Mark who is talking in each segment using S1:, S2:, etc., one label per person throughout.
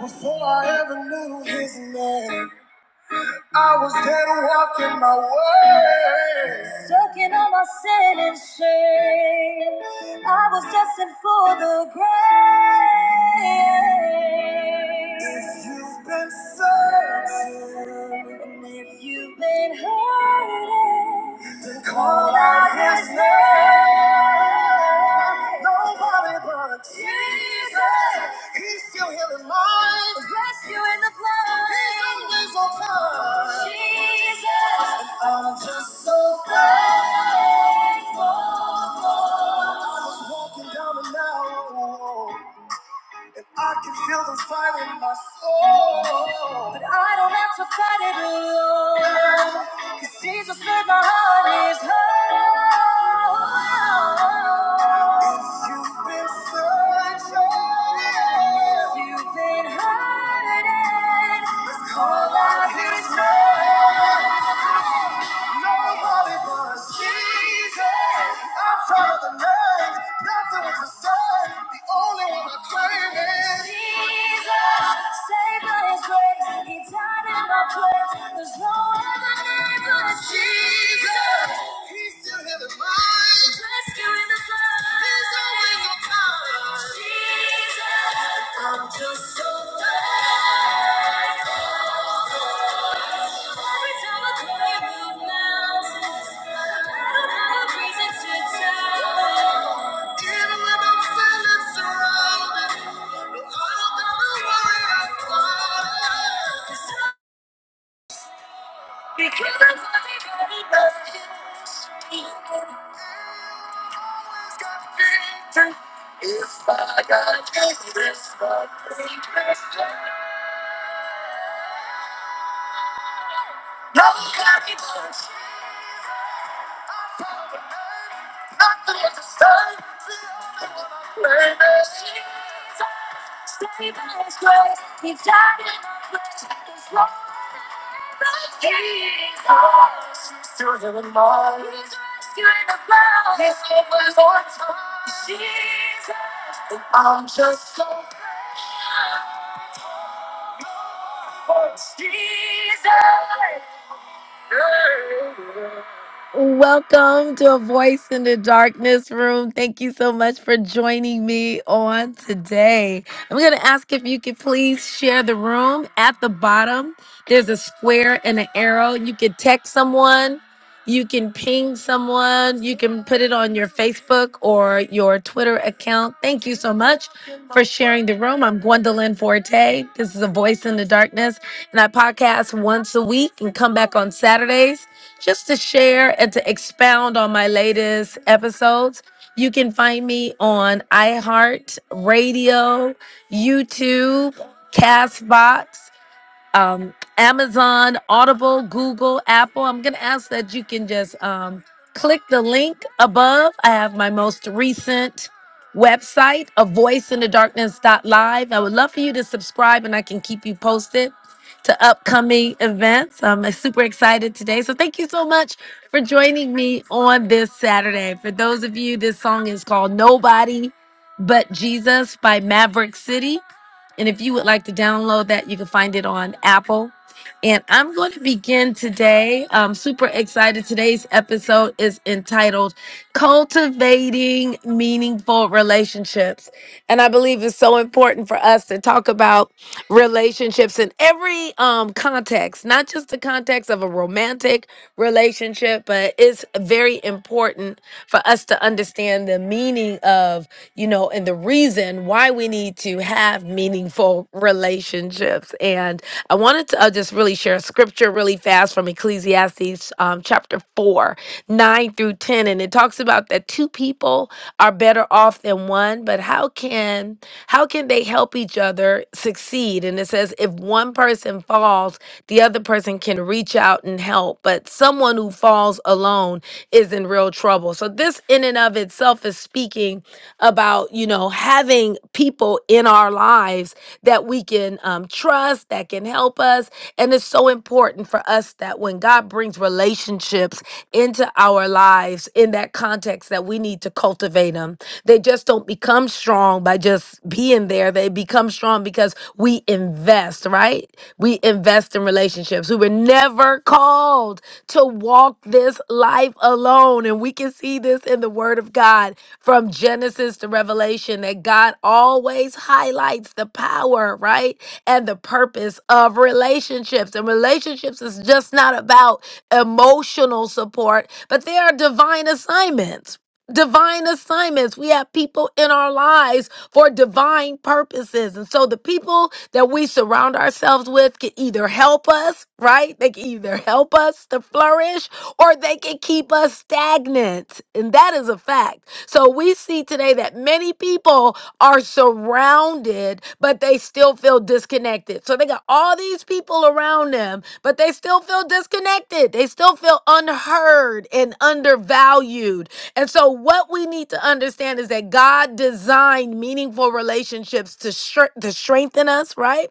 S1: Before I ever knew his name, I was dead walking my way. Soaking all my sin and shame. I was destined for the grave. If you've been searching, and if you've been hurting, To call out his name. Nobody but Jesus. He's still healing minds. Rescue in the blood. He's always on time. Jesus. I'm just so thankful. I was walking down an alley. And I can feel the fire in my soul. But I don't have to fight it alone. Cause Jesus made my heart his home. If you've been searching, if you've been hurting, let's call out his name. Nobody but Jesus. I found the name. Nothing was the same. The only one I claim is Jesus. Saved by His grace, He died in my place. There's no other name but Jesus. He's still healing minds, rescuing the blind. There's always a time. Jesus, I'm just so glad. Every I climb to doubt. Even when I'm feeling surrounded, no, I gotta am already going be If I gotta take this, I take this. No, you got the other I'm just so Welcome to a Voice in the Darkness room. Thank you so much for joining me on today. I'm going to ask if you could please share the room. At the bottom, there's a square and an arrow. You could text someone, you can ping someone, you can put it on your Facebook or your Twitter account. Thank you so much for sharing the room. I'm Gwendolyn Forte. This is a Voice in the Darkness, and I podcast once a week and come back on Saturdays just to share and to expound on my latest episodes. You can find me on iHeart Radio, YouTube, Castbox um, Amazon, Audible, Google, Apple. I'm going to ask that you can just um, click the link above. I have my most recent website, a voice in the Darkness dot Live. I would love for you to subscribe and I can keep you posted to upcoming events. I'm uh, super excited today. So thank you so much for joining me on this Saturday. For those of you, this song is called Nobody But Jesus by Maverick City. And if you would like to download that, you can find it on Apple. And I'm going to begin today. I'm super excited. Today's episode is entitled Cultivating Meaningful Relationships. And I believe it's so important for us to talk about relationships in every um, context, not just the context of a romantic relationship, but it's very important for us to understand the meaning of, you know, and the reason why we need to have meaningful relationships. And I want wanted to uh, just really share a scripture really fast from Ecclesiastes um, chapter 4, 9 through 10. And it talks about that two people are better off than one, but how can how can they help each other succeed? And it says if one person falls, the other person can reach out and help. But someone who falls alone is in real trouble. So this in and of itself is speaking about, you know, having people in our lives that we can um, trust us, that can help us. And it's so important for us that when God brings relationships into our lives in that context, that we need to cultivate them. They just don't become strong by just being there. They become strong because we invest, right? We invest in relationships. We were never called to walk this life alone. And we can see this in the Word of God from Genesis to Revelation that God always highlights the power, right? and the purpose of relationships. And relationships is just not about emotional support, but they are divine assignments. Divine assignments. We have people in our lives for divine purposes. And so the people that we surround ourselves with can either help us, right? They can either help us to flourish or they can keep us stagnant. And that is a fact. So we see today that many people are surrounded, but they still feel disconnected. So they got all these people around them, but they still feel disconnected. They still feel unheard and undervalued. And so, what we need to understand is that God designed meaningful relationships to, str- to strengthen us, right?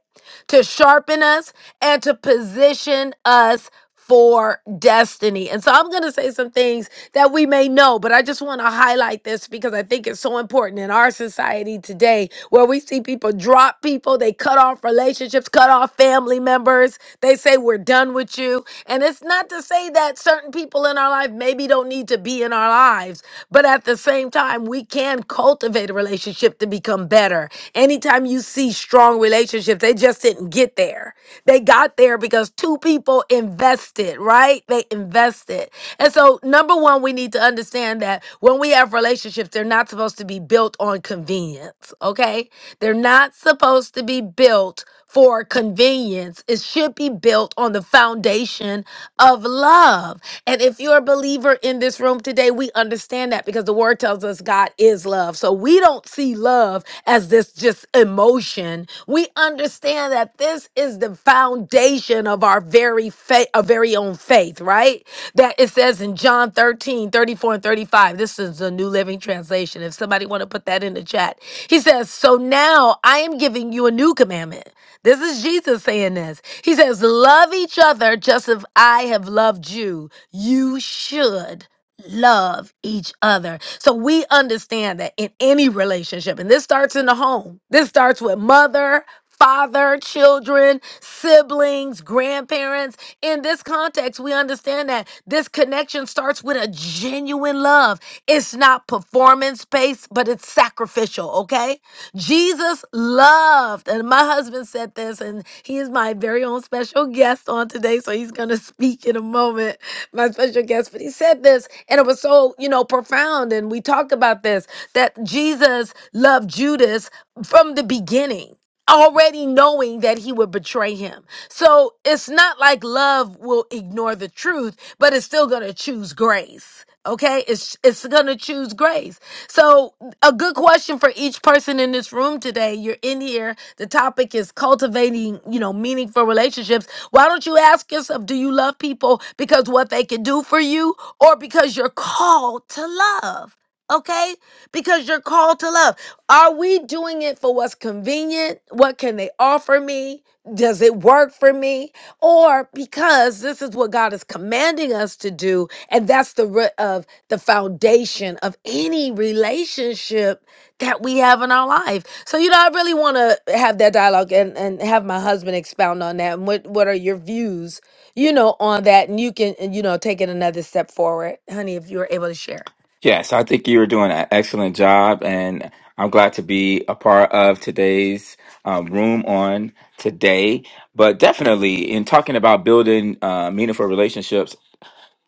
S1: to sharpen us and to position us for destiny. And so I'm going to say some things that we may know, but I just want to highlight this because I think it's so important in our society today where we see people drop people, they cut off relationships, cut off family members, they say we're done with you. And it's not to say that certain people in our life maybe don't need to be in our lives, but at the same time, we can cultivate a relationship to become better. Anytime you see strong strong relationship. They just didn't get there. They got there because two people invested, right? They invested. And so, number one, we need to understand that when we have relationships, they're not supposed to be built on convenience, okay? They're not supposed to be built for convenience. It should be built on the foundation of love. And if you're a believer in this room today, we understand that because the word tells us God is love. So we don't see love as this just emotion. We understand that this is the foundation of our very faith, our very own faith, right? That it says in John 13 34 and 35. This is the New Living Translation. If somebody want to put that in the chat. He says, "So now I am giving you a new commandment this is Jesus saying this. He says, Love each other just as I have loved you. You should love each other. So we understand that in any relationship, and this starts in the home, this starts with mother. Father, children, siblings, grandparents. In this context, we understand that this connection starts with a genuine love love. It's not performance based, but it's sacrificial, okay? Jesus loved, and my husband said this, and he is my very own special guest on today, so he's gonna speak in a moment, my special guest. But he said this, and it was so, you know, profound, and we talked about this that Jesus loved Judas from the beginning already knowing that he would betray him. So it's not like love will ignore the truth, but it's still going to choose grace. Okay, it's it's gonna choose grace. So a good question for each person in this room today. You're in here. The topic is cultivating, you know, meaningful relationships. Why don't you ask yourself, do you love people because what they can do for you, or because you're called to love? Okay, because you're called to love. Are we doing it for what's convenient? What can they offer me? Does it work for me? Or because this is what God is commanding us to do, and that's the root of the foundation of any relationship that we have in our life. So, you know, I really want to have that dialogue and, and have my husband expound on that. And what, what are your views, you know, on that? And you can, you know, take it another step forward, honey, if you're able to share.
S2: Yes, I think you are doing an excellent job, and I'm glad to be a part of today's um, room on today. But definitely, in talking about building uh, meaningful relationships,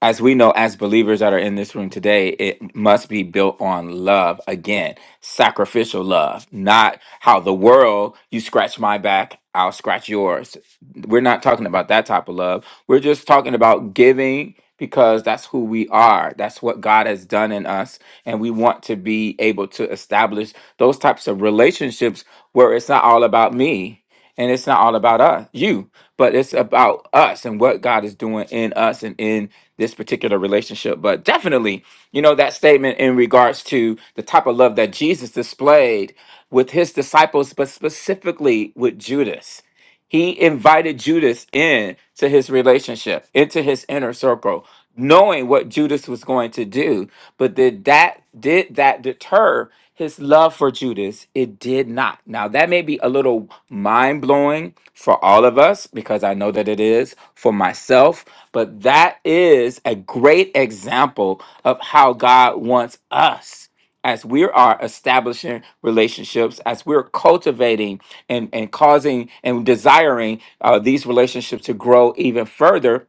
S2: as we know, as believers that are in this room today, it must be built on love again, sacrificial love, not how the world you scratch my back, I'll scratch yours. We're not talking about that type of love. We're just talking about giving because that's who we are. That's what God has done in us. And we want to be able to establish those types of relationships where it's not all about me and it's not all about us, you, but it's about us and what God is doing in us and in this particular relationship. But definitely, you know, that statement in regards to the type of love that Jesus displayed with his disciples, but specifically with Judas. He invited Judas in to his relationship, into his inner circle, knowing what Judas was going to do. But did that did that deter his love for Judas? It did not. Now that may be a little mind blowing for all of us because I know that it is for myself, but that is a great example of how God wants us as we are establishing relationships, as we're cultivating and, and causing and desiring uh, these relationships to grow even further,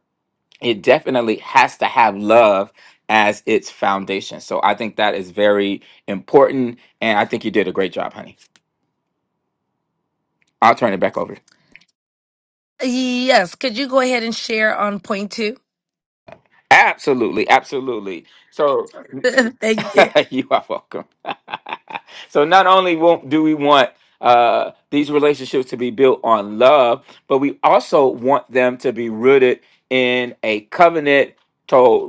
S2: it definitely has to have love as its foundation. So I think that is very important. And I think you did a great job, honey. I'll turn it back over.
S1: Yes, could you go ahead and share on point two?
S2: Absolutely. Absolutely. So
S1: Thank you.
S2: you are welcome. so not only won't, do we want uh, these relationships to be built on love, but we also want them to be rooted in a covenantal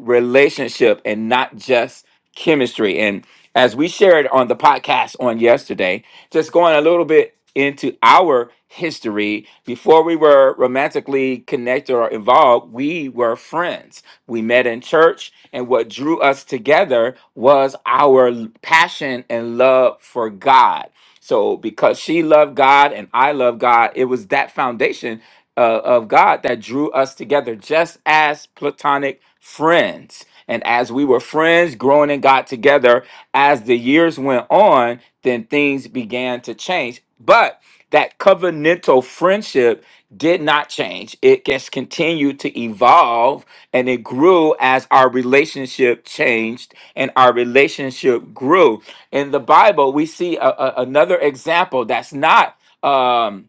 S2: relationship and not just chemistry. And as we shared on the podcast on yesterday, just going a little bit into our history. Before we were romantically connected or involved, we were friends. We met in church, and what drew us together was our l- passion and love for God. So, because she loved God and I love God, it was that foundation uh, of God that drew us together just as platonic friends. And as we were friends growing in God together, as the years went on, then things began to change. But that covenantal friendship did not change. It just continued to evolve and it grew as our relationship changed and our relationship grew. In the Bible, we see a- a- another example that's not. Um,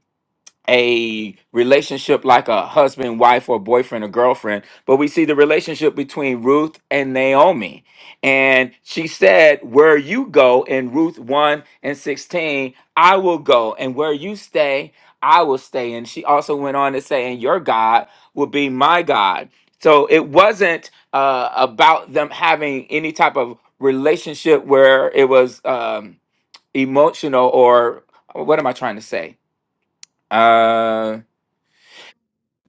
S2: a relationship like a husband, wife, or boyfriend or girlfriend, but we see the relationship between Ruth and Naomi. And she said, Where you go in Ruth 1 and 16, I will go, and where you stay, I will stay. And she also went on to say, And your God will be my God. So it wasn't uh, about them having any type of relationship where it was um, emotional or what am I trying to say? Uh,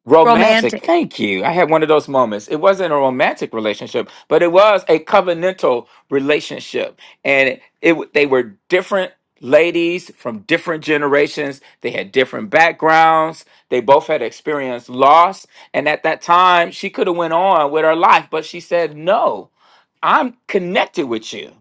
S2: Romantic.
S1: Romantic.
S2: Thank you. I had one of those moments. It wasn't a romantic relationship, but it was a covenantal relationship. And it, it they were different ladies from different generations. They had different backgrounds. They both had experienced loss, and at that time, she could have went on with her life, but she said, "No. I'm connected with you.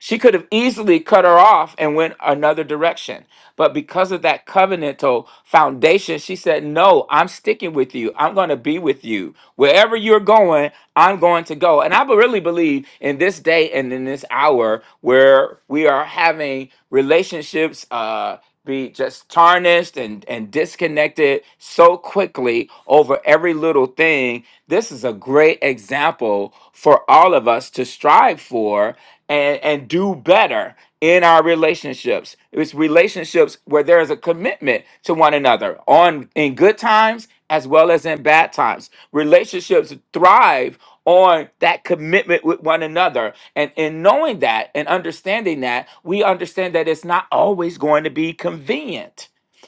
S2: She could have easily cut her off and went another direction. But because of that covenantal foundation, she said, No, I'm sticking with you. I'm going to be with you. Wherever you're going, I'm going to go. And I be- really believe in this day and in this hour where we are having relationships uh, be just tarnished and, and disconnected so quickly over every little thing. This is a great example for all of us to strive for and and do better in our relationships. It's relationships where there is a commitment to one another on in good times as well as in bad times. Relationships thrive on that commitment with one another. And in knowing that and understanding that, we understand that it's not always going to be convenient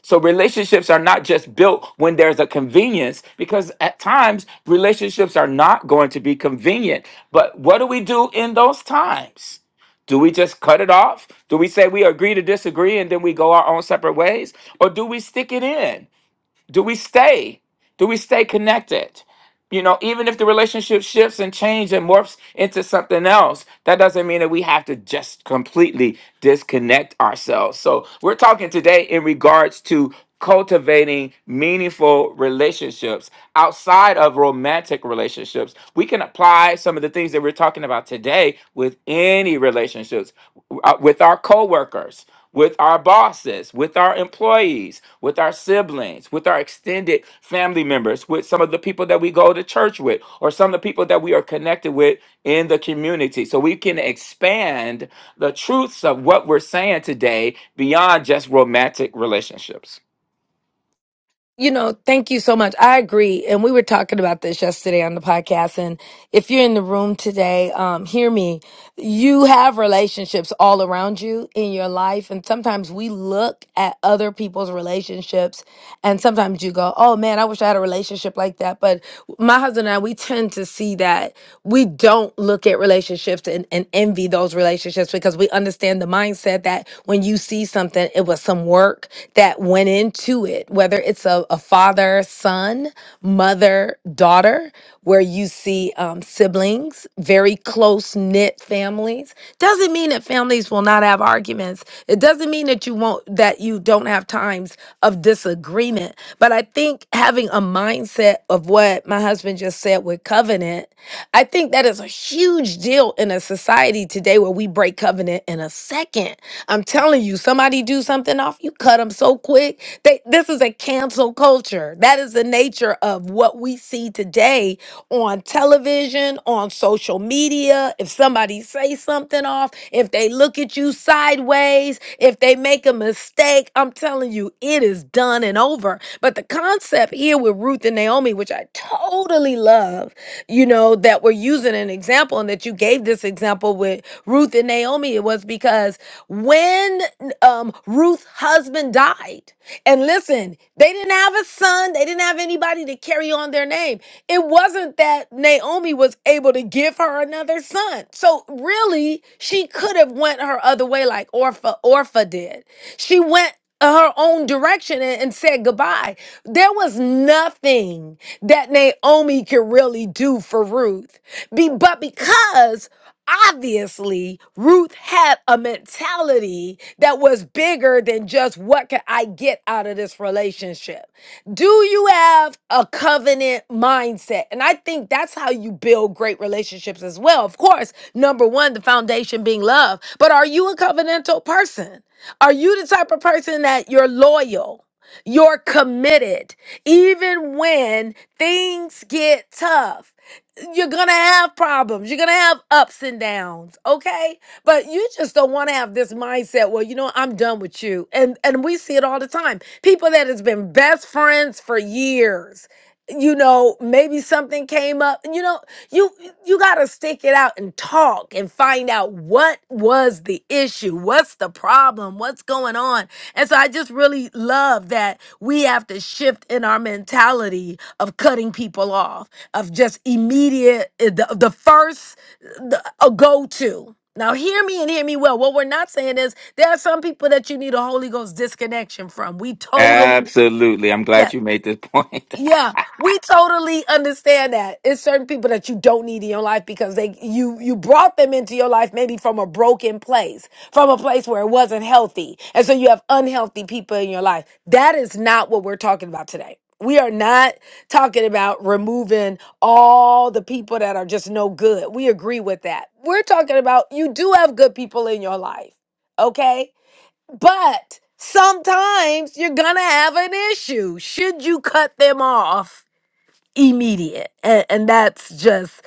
S2: so relationships are not just built when there's a convenience, because at times relationships are not going to be convenient. But what do we do in those times? Do we just cut it off? Do we say we agree to disagree and then we go our own separate ways? Or do we stick it in? do we stay do we stay connected you know even if the relationship shifts and change and morphs into something else that doesn't mean that we have to just completely disconnect ourselves so we're talking today in regards to cultivating meaningful relationships outside of romantic relationships we can apply some of the things that we're talking about today with any relationships uh, with our coworkers with our bosses, with our employees, with our siblings, with our extended family members, with some of the people that we go to church with, or some of the people that we are connected with in the community. So we can expand the truths of what we're saying today beyond just romantic relationships.
S1: You know, thank you so much. I agree. And we were talking about this yesterday on the podcast. And if you're in the room today, um, hear me. You have relationships all around you in your life. And sometimes we look at other people's relationships And sometimes you go, oh man, I wish I had a relationship like that. But my husband and I, we tend to see that we don't look at relationships and, and envy those relationships because we understand the mindset that when you see something, it was some work that went into it, whether it's a, a father, son, mother mother daughter, where you see um, siblings, very close knit families. Doesn't mean that families will not have arguments. It doesn't mean that you won't that you don't have times of disagreement. But I think having a mindset of what my husband just said with covenant I think that is a huge deal in a society today where we break covenant in a second. I'm telling you, somebody do something off, you cut them so quick. They, this is a cancel culture. That is the nature of what we see today on television, on social media. If somebody say something off, if they look at you sideways, if they make a mistake, I'm telling you, it is done and over. But the concept here with Ruth and Naomi. Naomi, which I totally love, you know, that we're using an example and that you gave this example with Ruth and Naomi, it was because when um, Ruth's husband died, and listen, they didn't have a son, they didn't have anybody to carry on their name. It wasn't that Naomi was able to give her another son. So really, she could have went her other way like Orpha Orpha did. She went her own direction and, and said goodbye. There was nothing that Naomi could really do for Ruth. Be, but because obviously Ruth had a mentality that was bigger than just what can I get out of this relationship? Do you have a covenant mindset? And I think that's how you build great relationships as well. Of course, number one, the foundation being love, but are you a covenantal person? Are you the type of person that you're loyal? You're committed. Even when things get tough, you're going to have problems. You're going to have ups and downs, okay? But you just don't want to have this mindset, well, you know, I'm done with you. And and we see it all the time. People that has been best friends for years. You know, maybe something came up. You know, you you got to stick it out and talk and find out what was the issue what's the problem what's going on and so i just really love that we have to shift in our mentality of cutting people off of just immediate eh, the, the first the, a go-to now hear me and hear me well what we're not saying is there are some people that you need a holy ghost disconnection from we totally
S2: Absolutely. I'm
S1: yes
S2: glad you made this point.
S1: yeah, we totally understand that. It's certain people that you don't need in your life because they you you brought them into your life maybe from a broken place, from a place where it wasn't healthy. And so you have unhealthy people in your life. That is not what we're talking about today. We are not talking about removing all the people that are just no good. We agree with that. We're talking about you do have good people in your life. Okay? But sometimes you're going to have an issue should you cut them off immediate and, and that's just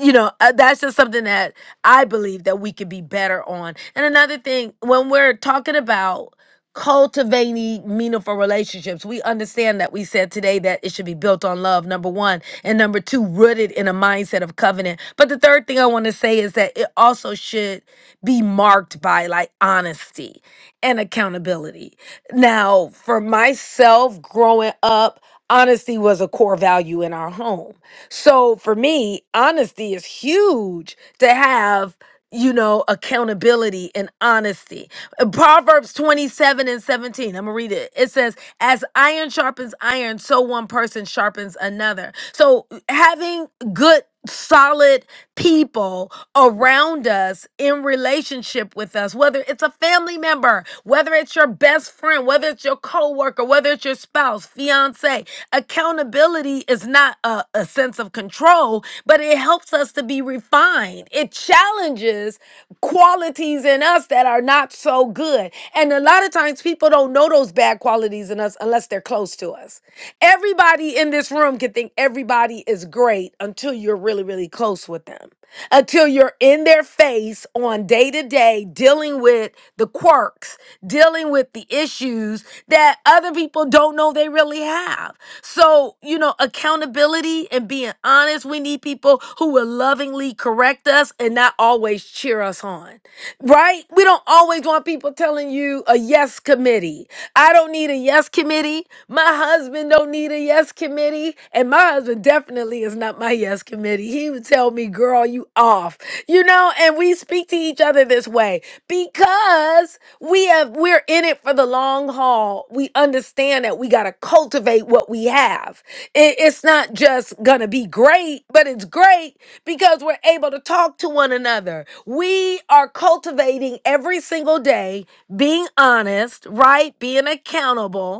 S1: you know uh, that's just something that i believe that we could be better on and another thing when we're talking about cultivating meaningful relationships we understand that we said today that it should be built on love number one and number two rooted in a mindset of covenant but the third thing i want to say is that it also should be marked by like honesty and accountability now for myself growing up honesty was a core value in our home. So for me, honesty is huge to have, you know, accountability and honesty. Uh, Proverbs 27 and 17, I'm gonna read it. It says, As iron sharpens iron, so one person sharpens another. So having good, solid people around us in relationship with us, whether it's a family member, whether it's your best friend, whether it's your coworker, whether it's your spouse, fiance. Accountability is not a, a sense of control, but it helps us to be refined. It challenges qualities in us that are not so good. And a lot of times people don't know those bad qualities in us unless they're close to us. Everybody in this room can think everybody is great great until you're really, really close with them, until you're in their face on day to day, dealing with the quirks, dealing with the issues that other people don't know they really have. So, you know, accountability and being honest, we need people who will lovingly correct us and not always cheer us on, right? We don't always want people telling you a yes committee. I don't need a yes committee. My husband don't need a yes yes committee, and my husband definitely is not my yes committee. He would tell me, girl, you off. You know, and we speak to each other this way because we have we're in it for the long haul. We understand that we gotta cultivate what we have. It- it's not just gonna be great, but it's great because we're able to talk to one another. We are cultivating every single day, being honest, right? Being accountable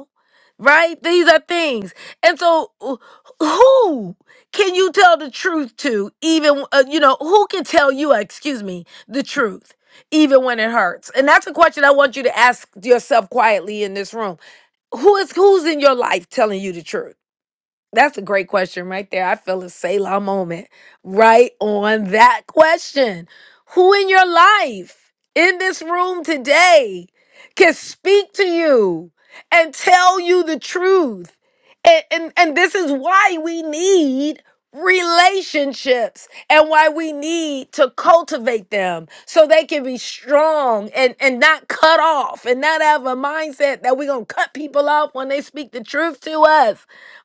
S1: right? These are things. And so, wh- who can you tell the truth to? Even, uh, you know, who can tell you, uh, excuse me, the truth, even when it hurts? And that's a question I want you to ask yourself quietly in this room. Who is who's in your life telling you the truth? That's a great question right there. I feel a Selah moment right on that question. Who in your life in this room today can speak to you and tell you the truth? And, and, and this is why we need relationships and why we need to cultivate them so they can be strong and, and not cut off and not have a mindset that we're going to cut people off when they speak the truth to us.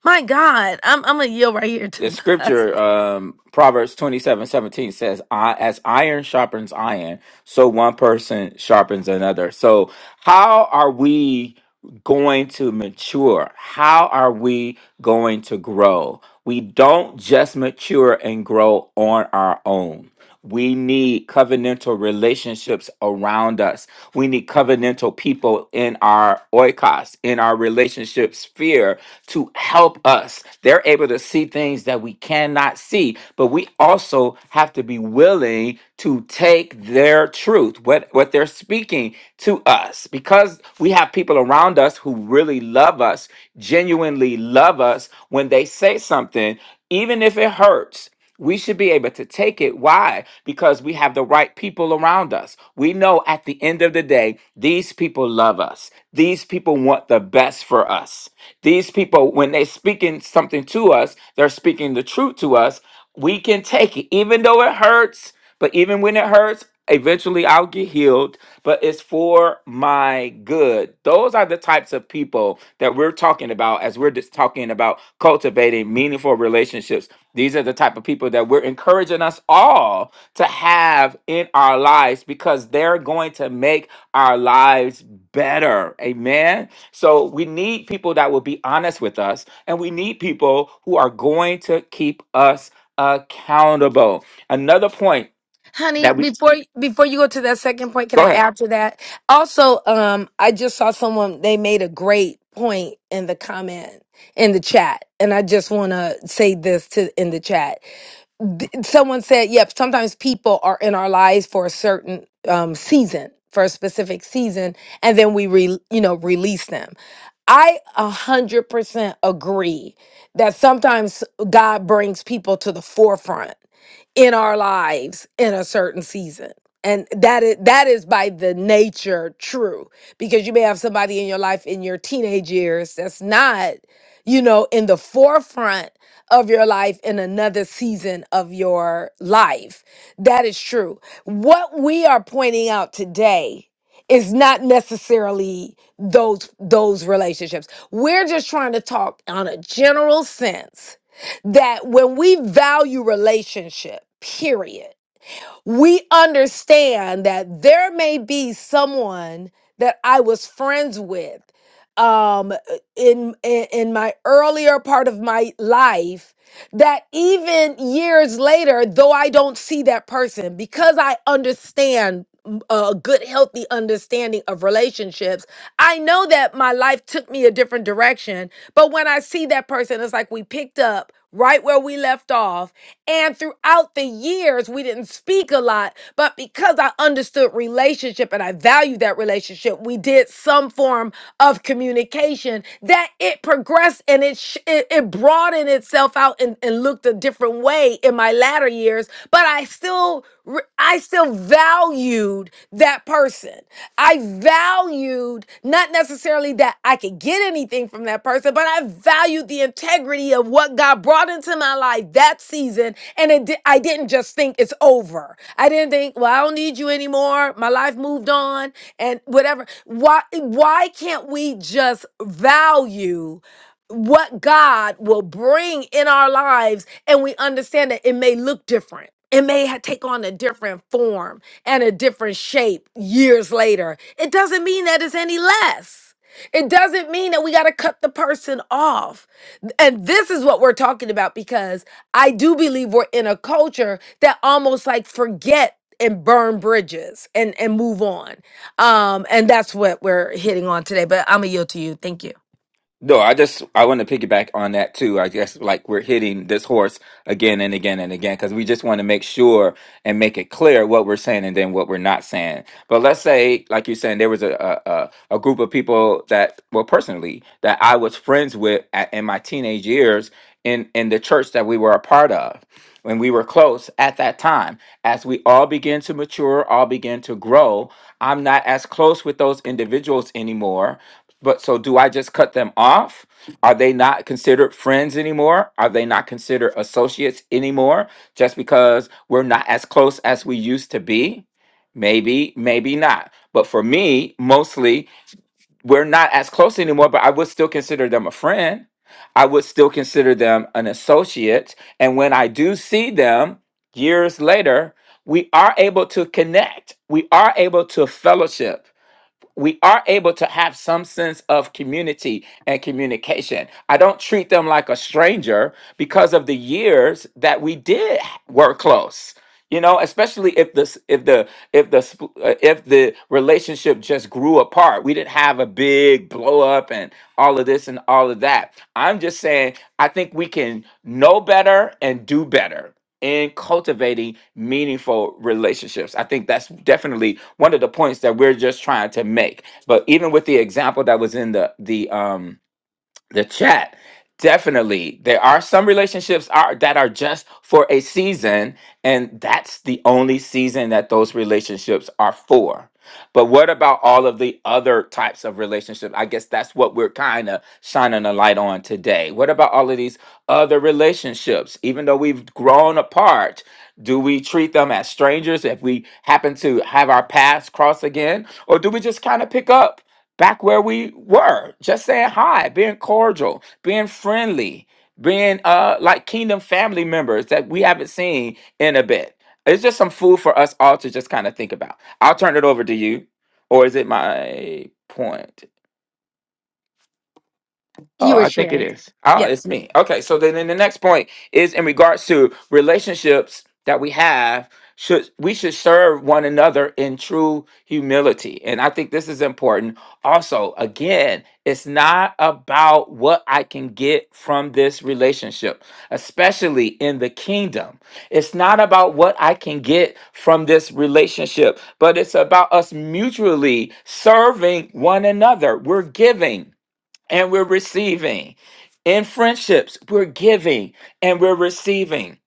S1: My God, I'm I'm gonna yield right here to
S2: The
S1: my
S2: scripture,
S1: husband,
S2: um, Proverbs twenty-seven seventeen says, I, As iron sharpens iron, so one person sharpens another. So, how are we going to mature? How are we going to grow? We don't just mature and grow on our own. We need covenantal relationships around us. We need covenantal people in our oikos, in our relationship sphere to help us. They're able to see things that we cannot see, but we also have to be willing to take their truth, what, what they're speaking to us, because we have people around us who really love us, genuinely love us. When they say something, even if it hurts, we should be able to take it. Why? Because we have the right people around us. We know at the end of the day, these people love us. These people want the best for us. These people, when they're speaking something to us, they're speaking the truth to us. We can take it, even though it hurts. But even when it hurts, eventually I'll get healed, but it's for my good. Those are the types of people that we're talking about as we're just talking about cultivating meaningful relationships. These are the type of people that we're encouraging us all to have in our lives because they're going to make our lives better. Amen. So we need people that will be honest with us, and we need people who are going to keep us accountable. Another point
S1: honey.
S2: that we
S1: Before before you go to that second point, can
S2: go
S1: I
S2: ahead.
S1: add to that? Also, um, I just saw someone they made a great point in the comment in the chat, and I just want to say this to in the chat. th- someone said, yep, sometimes people are in our lives for a certain um, season, for a specific season, and then we, re, you know, release them. I 100% agree that sometimes God brings people to the forefront in our lives in a certain season. And that is that is by the nature true because you may have somebody in your life in your teenage years that's not, you know, in the forefront of your life in another season of your life. That is true. What we are pointing out today is not necessarily those those relationships. We're just trying to talk on a general sense that when we value relationship, period, we understand that there may be someone that I was friends with um in in, in my earlier part of my life that even years later, though I don't see that person, because I understand mm, a good, healthy understanding of relationships, I know that my life took me a different direction. But when I see that person, it's like we picked up right where we left off. And throughout the years, we didn't speak a lot, but because I understood relationship and I valued that relationship, we did some form of communication that it progressed and it, sh- it, it broadened itself out and, and looked a different way in my latter years, but I still re- I still valued that person. I valued not necessarily that I could get anything from that person, but I valued the integrity of what God brought into my life that season. And it di- I didn't just think it's over. I didn't think, well, I don't need you anymore. My life moved on and whatever. Why why can't we just value? what God will bring in our lives, and we understand that it may look different. It may ha- take on a different form and a different shape years later. It doesn't mean that it's any less. It doesn't mean that we got to cut the person off. And this is what we're talking about because I do believe we're in a culture that almost like forget and burn bridges and and move on. Um and that's what we're hitting on today, but I'm going to yield to you. Thank you.
S2: No, I just I want to piggyback on that too. I guess like we're hitting this horse again and again and again because we just want to make sure and make it clear what we're saying and then what we're not saying. But let's say, like you're saying, there was a a, a a group of people that, well, personally, that I was friends with at, in my teenage years in in the church that we were a part of. When we were close at that time, as we all begin to mature, all begin to grow, I'm not as close with those individuals anymore But so do I just cut them off? Are they not considered friends anymore? Are they not considered associates anymore just because we're not as close as we used to be? Maybe, maybe not. But for me, mostly we're not as close anymore, but I would still consider them a friend. I would still consider them an associate. And when I do see them years later, we are able to connect. We are able to fellowship we are able to have some sense of community and communication. I don't treat them like a stranger because of the years that we did work close. You know, especially if this if the if the sp- uh, if the relationship just grew apart, we didn't have a big blow up and all of this and all of that. I'm just saying I think we can know better and do better in cultivating meaningful relationships. I think that's definitely one of the points that we're just trying to make. But even with the example that was in the the um the chat definitely there are some relationships are that are just for a season and that's the only season that those relationships are for but what about all of the other types of relationships i guess that's what we're kind of shining a light on today what about all of these other relationships even though we've grown apart do we treat them as strangers if we happen to have our paths cross again or do we just kind of pick up back where we were, just saying hi, being cordial, being friendly, being uh like kingdom family members that we haven't seen in a bit. It's just some food for us all to just kind of think about. I'll turn it over to you, or is it my point? Oh,
S1: you were
S2: I think it
S1: sharing.
S2: is. Oh,
S1: Yeah.
S2: it's me. Okay, so then, then the next point is in regards to relationships that we have. Should we should serve one another in true humility, and I think this is important. Also, again, it's not about what I can get from this relationship, especially in the kingdom. It's not about what I can get from this relationship, but it's about us mutually serving one another. We're giving and we're receiving. In friendships, we're giving and we're receiving.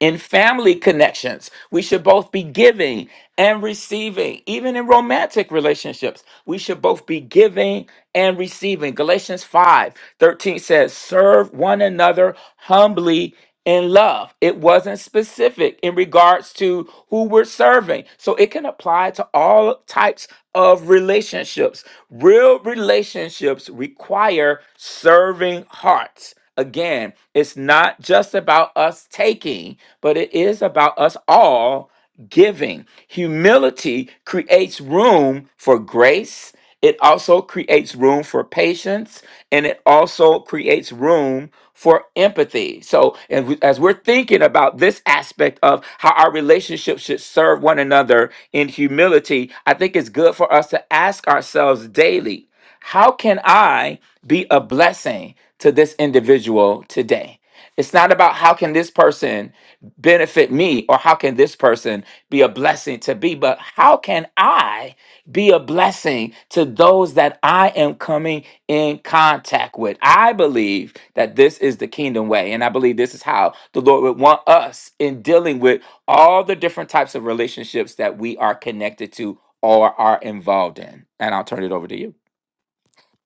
S2: In family connections, we should both be giving and receiving. Even in romantic relationships, we should both be giving and receiving. Galatians 5 13 says, Serve one another humbly in love. It wasn't specific in regards to who we're serving. So it can apply to all types of relationships. Real relationships require serving hearts. Again, it's not just about us taking, but it is about us all giving. Humility creates room for grace. It also creates room for patience and it also creates room for empathy. So, and we- as we're thinking about this aspect of how our relationships should serve one another in humility, I think it's good for us to ask ourselves daily how can I be a blessing to this individual today? It's not about how can this person benefit me or how can this person be a blessing to be, but how can I be a blessing to those that I am coming in contact with? I believe that this is the kingdom way, and I believe this is how the Lord would want us in dealing with all the different types of relationships that we are connected to or are involved in. And I'll turn it over to you.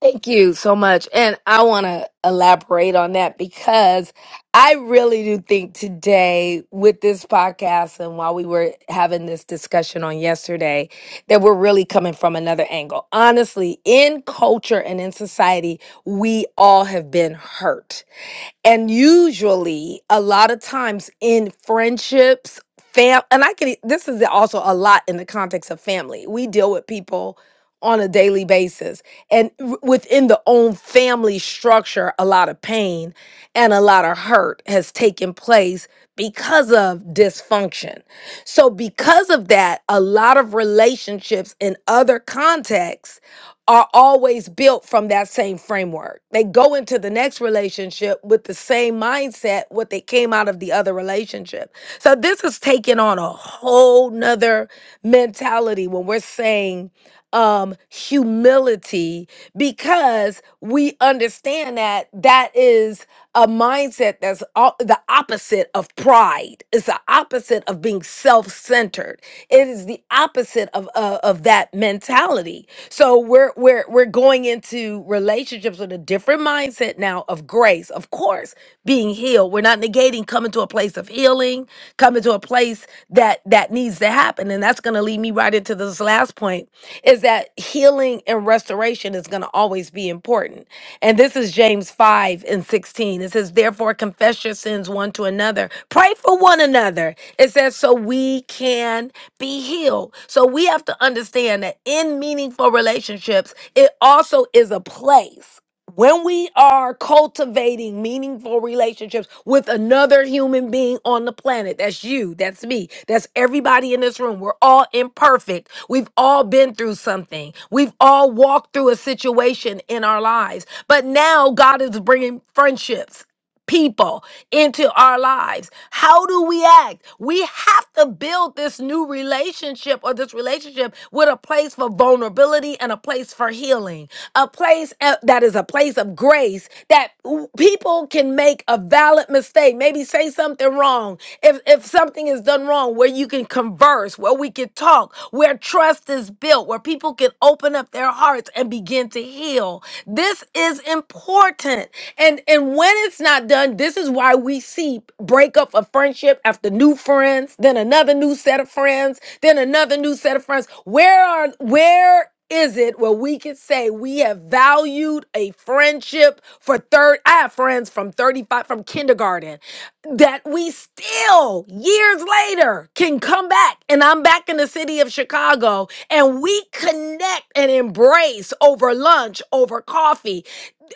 S1: Thank you so much. And I want to elaborate on that because I really do think today, with this podcast and while we were having this discussion on yesterday, that we're really coming from another angle. Honestly, in culture and in society, we all have been hurt. And usually, a lot of times in friendships, fam, and I can, this is also a lot in the context of family. We deal with people on a daily basis and w- within the own family structure, a lot of pain and a lot of hurt has taken place because of dysfunction. So, because of that, a lot of relationships in other contexts are always built from that same framework. They go into the next relationship with the same mindset what they came out of the other relationship. So this is taking on a whole nother mentality when we're saying um humility because we understand that that is a mindset that's all, the opposite of pride it's the opposite of being self-centered it is the opposite of uh, of that mentality so we're we're we're going into relationships with a different mindset now of grace of course being healed we're not negating coming to a place of healing healing, coming to a place that that needs to happen. And that's going to lead me right into this last point is that healing and restoration is going to always be important. And this is James 5 and 16. It says, Therefore, confess your sins one to another, pray for one another. It says, So we can be healed. So we have to understand that in meaningful relationships, it also is a place when we are cultivating meaningful relationships with another human being on the planet, that's you, that's me, that's everybody in this room. We're all imperfect. We've all been through something. We've all walked through a situation in our lives. But now God is bringing friendships people into our lives. How do we act? We have to build this new relationship or this relationship with a place for vulnerability and a place for healing, a place uh, that is a place of grace that w- people can make a valid mistake, maybe say something wrong. If if something is done wrong, where you can converse, where we can talk, where trust is built, where people can open up their hearts and begin to heal. This is important. And and when when it's not done, this is why we see breakup of friendship after new friends, then another new set of friends, then another new set of friends. Where are where is it where we can say we have valued a friendship for third I have friends from 35 from kindergarten that we still years later can come back and I'm back in the city of Chicago and we connect and embrace over lunch over coffee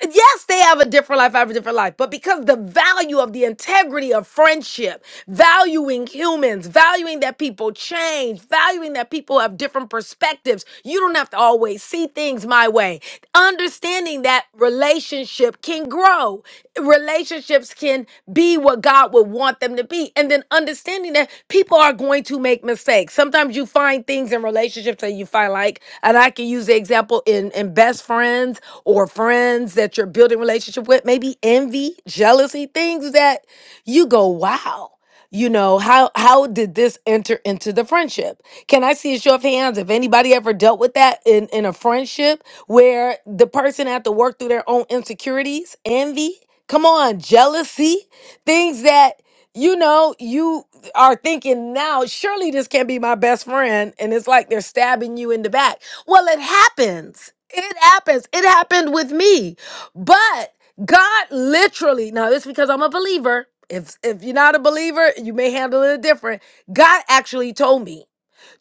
S1: Yes, they have a different life, I have a different life. But because the value of the integrity of friendship, valuing humans, valuing that people change, valuing that people have different perspectives, you don't have to always see things my way. Understanding that relationship can grow, relationships can be what God would want them to be. And then understanding that people are going to make mistakes. Sometimes you find things in relationships that you find like, and I can use the example in, in best friends or friends ones that you're building relationship with, maybe envy, jealousy, things that you go, wow. You know, how how did this enter into the friendship? Can I see a show of hands if anybody ever dealt with that in, in a friendship where the person had to work through their own insecurities, envy, come on, jealousy, things that you know you are thinking now, surely this can't be my best friend. And it's like they're stabbing you in the back. Well, it happens. It happens. It happened with me. But God literally, now it's because I'm a believer. If if you're not a believer, you may handle it different. God actually told me,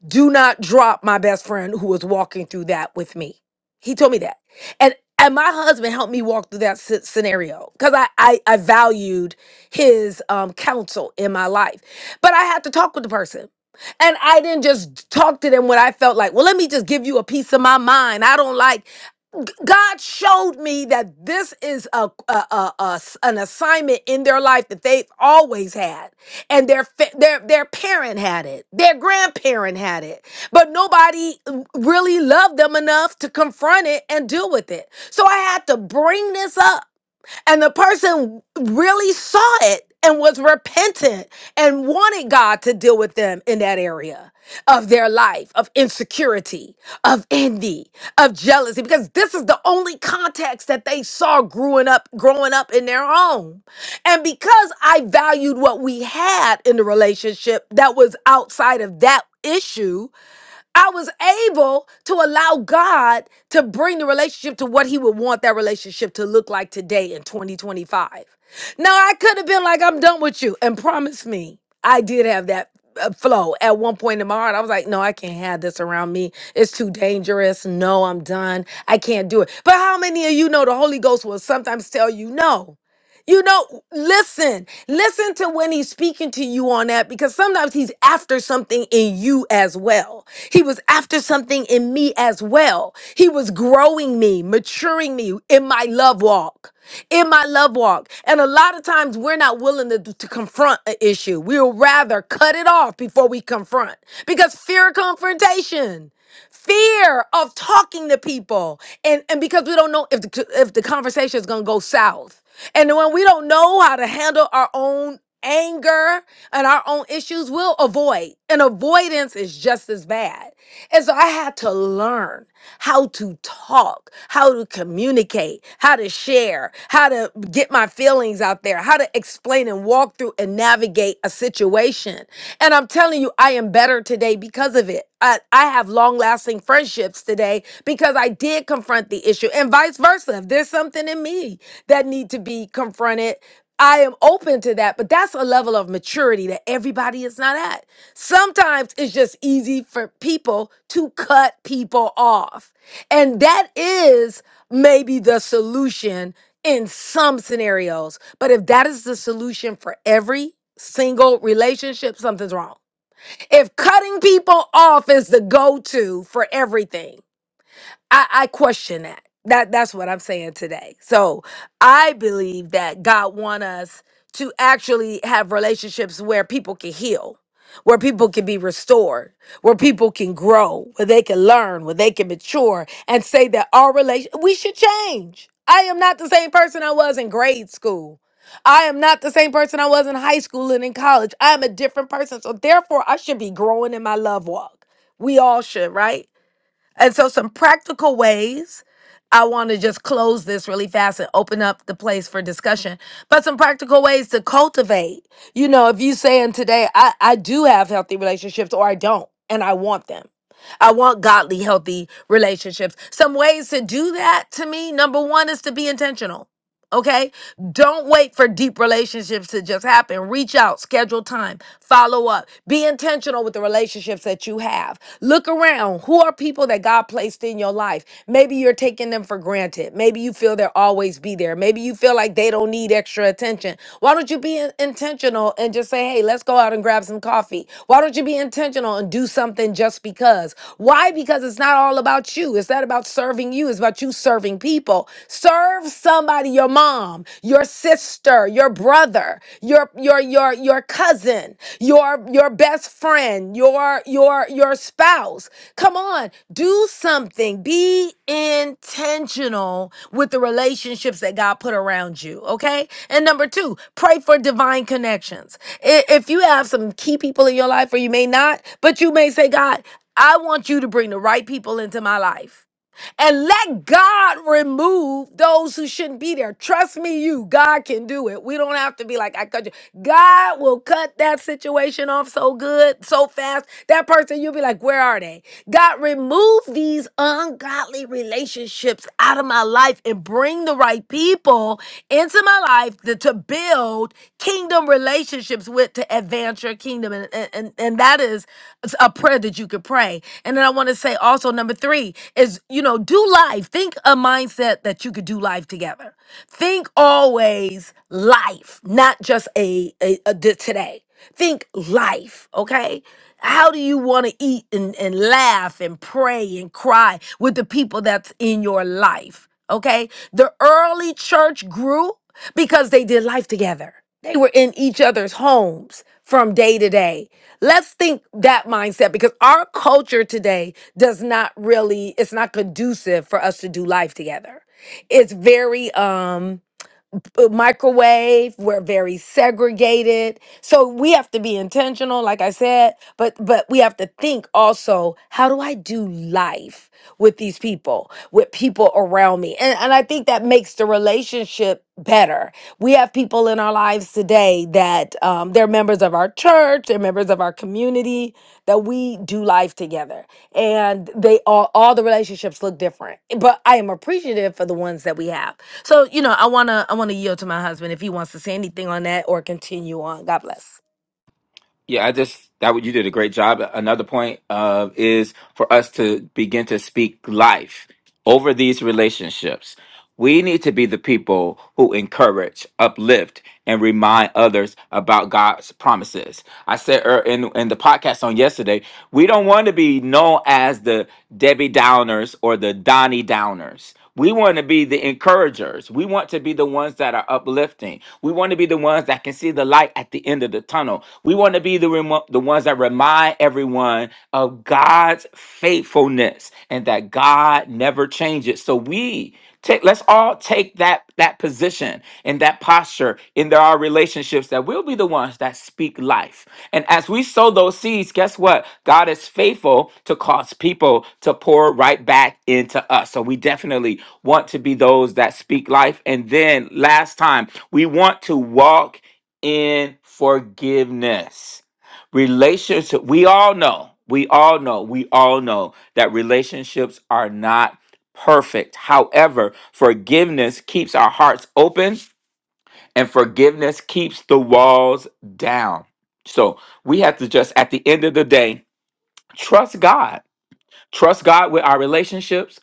S1: do not drop my best friend who was walking through that with me. He told me that. And and my husband helped me walk through that sce- scenario because I, I I valued his um counsel in my life. But I had to talk with the person. And I didn't just talk to them when I felt like, well, let me just give you a piece of my mind. I don't like. God showed me that this is a, a, a- a s- an assignment in their life that they've always had, and their fa- their their parent had it, their grandparent had it, but nobody really loved them enough to confront it and deal with it. So I had to bring this up. And the person really saw it and was repentant and wanted God to deal with them in that area of their life, of insecurity, of envy, of jealousy, because this is the only context that they saw growing up, growing up in their home. And because I valued what we had in the relationship that was outside of that issue, I was able to allow God to bring the relationship to what He would want that relationship to look like today in 2025. Now, I could have been like, I'm done with you. And promise me, I did have that uh, flow at one point in my heart. I was like, no, I can't have this around me. It's too dangerous. No, I'm done. I can't do it. But how many of you know the Holy Ghost will sometimes tell you no? You know, listen, listen to when he's speaking to you on that because sometimes he's after something in you as well. He was after something in me as well. He was growing me, maturing me in my love walk. In my love walk. And a lot of times we're not willing to, to confront an issue. We'll rather cut it off before we confront because fear of confrontation fear of talking to people and and because we don't know if the, if the conversation is going to go south and when we don't know how to handle our own anger and our own issues we'll avoid and avoidance is just as bad and so i had to learn how to talk how to communicate how to share how to to get my feelings out there, how to explain and walk through and navigate a situation. And I'm telling you, I am better today because of it. I, I have long lasting friendships today because I did confront the issue and vice versa. If there's something in me that need to be confronted, I am open to that, but that's a level of maturity that everybody is not at. Sometimes it's just easy for people to cut people off. And that is maybe the solution in some scenarios. But if that is the solution for every single relationship, something's wrong. If cutting people off is the go to for everything, I, I question that. That that's what I'm saying today. So I believe that God want us to actually have relationships where people can heal, where people can be restored, where people can grow, where they can learn, where they can mature, and say that our relation we should change. I am not the same person I was in grade school. I am not the same person I was in high school and in college. I am a different person. So therefore I should be growing in my love walk. We all should, right? And so, some practical ways. I want to just close this really fast and open up the place for discussion. But some practical ways to cultivate. You know, if you saying today, I, I do have healthy relationships or I don't, and I want them. I want godly, healthy relationships. Some ways to do that to me, number one is to be intentional Okay. Don't wait for deep relationships to just happen. Reach out, schedule time, follow up, be intentional with the relationships that you have. Look around. Who are people that God placed in your life? Maybe you're taking them for granted. Maybe you feel they'll always be there. Maybe you feel like they don't need extra attention. Why don't you be in- intentional and just say, hey, let's go out and grab some coffee? Why don't you be intentional and do something just because? Why? Because it's not all about you. It's not about serving you. It's about you serving people people. Serve somebody, your mom, your sister, your brother, your your your your cousin, your your best friend, your your your spouse. Come on, do something. Be intentional with the relationships that God put around you, okay? And number 2, pray for divine connections. I- If you have some key people in your life or you may not, but you may say, "God, I want you to bring the right people into my life." and let God remove those who shouldn't be there. Trust me, you, God can do it. We don't have to be like, I cut you. God will cut that situation off so good, so fast. That person, you'll be like, where are they? God, remove these ungodly relationships out of my life and bring the right people into my life to, to build kingdom relationships with to advance your kingdom. And, and, and that is a prayer that you could pray. And then I want to say also, number three is, you know, do life. Think a mindset that you could do life together. Think always life, not just a, a, a d- today. Think life, okay? How do you want to eat and, and laugh and pray and cry with the people that's in your life? Okay? The early church grew because they did life together. They were in each other's homes from day to day. Let's think that mindset because our culture today does not really, it's not conducive for us to do life together. It's very, um, uh, microwave we're very segregated so we have to be intentional like i said but but we have to think also how do i do life with these people with people around me and, and i think that makes the relationship better we have people in our lives today that um, they're members of our church they're members of our community that we do life together and they all all the relationships look different but i am appreciative for the ones that we have so, you know, I wanna I wanna yield to my husband if he wants to say anything on that or continue on. God bless.
S2: Yeah, I just that you did a great job. Another point uh, is for us to begin to speak life over these relationships. We need to be the people who encourage, uplift, and remind others about God's promises. I said er, in in the podcast on yesterday, we don't want to be known as the Debbie Downers or the Donnie Downers. We want to be the encouragers. We want to be the ones that are uplifting. We want to be the ones that can see the light at the end of the tunnel. We want to be the remo- the ones that remind everyone of God's faithfulness and that God never changes. So we Take, let's all take that that position and that posture in there are relationships that we'll be the ones that speak life. And as we sow those seeds, guess what? God is faithful to cause people to pour right back into us. So we definitely want to be those that speak life. And then last time, we want to walk in forgiveness relationship we all know we all know we all know that relationships are not perfect. However, forgiveness keeps our hearts open and forgiveness keeps the walls down. So we have to just, at the end of the day, trust God Trust God with our relationships,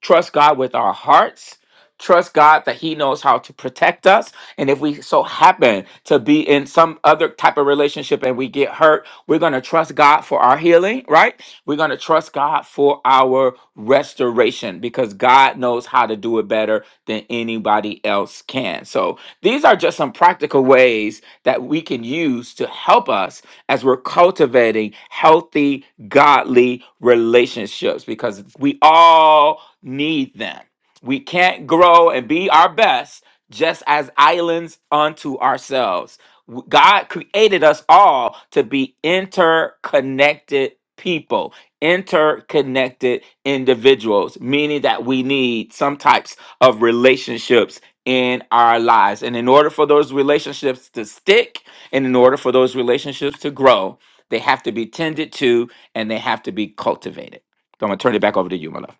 S2: trust God with our hearts. Trust God that He knows how to protect us. And if we so happen to be in some other type of relationship and we get hurt, we're going to trust God for our healing, right? We're going to trust God for our restoration because God knows how to do it better than anybody else can. So these are just some practical ways that we can use to help us as we're cultivating healthy godly relationships because we all need them. We can't grow and be our best just as islands unto ourselves. W- God created us all to be interconnected people, interconnected individuals, meaning that we need some types of relationships in our lives. And in order for those relationships to stick and in order for those relationships to grow, they have to be tended to and they have to be cultivated. So I'm gonna turn it back over to you, my love.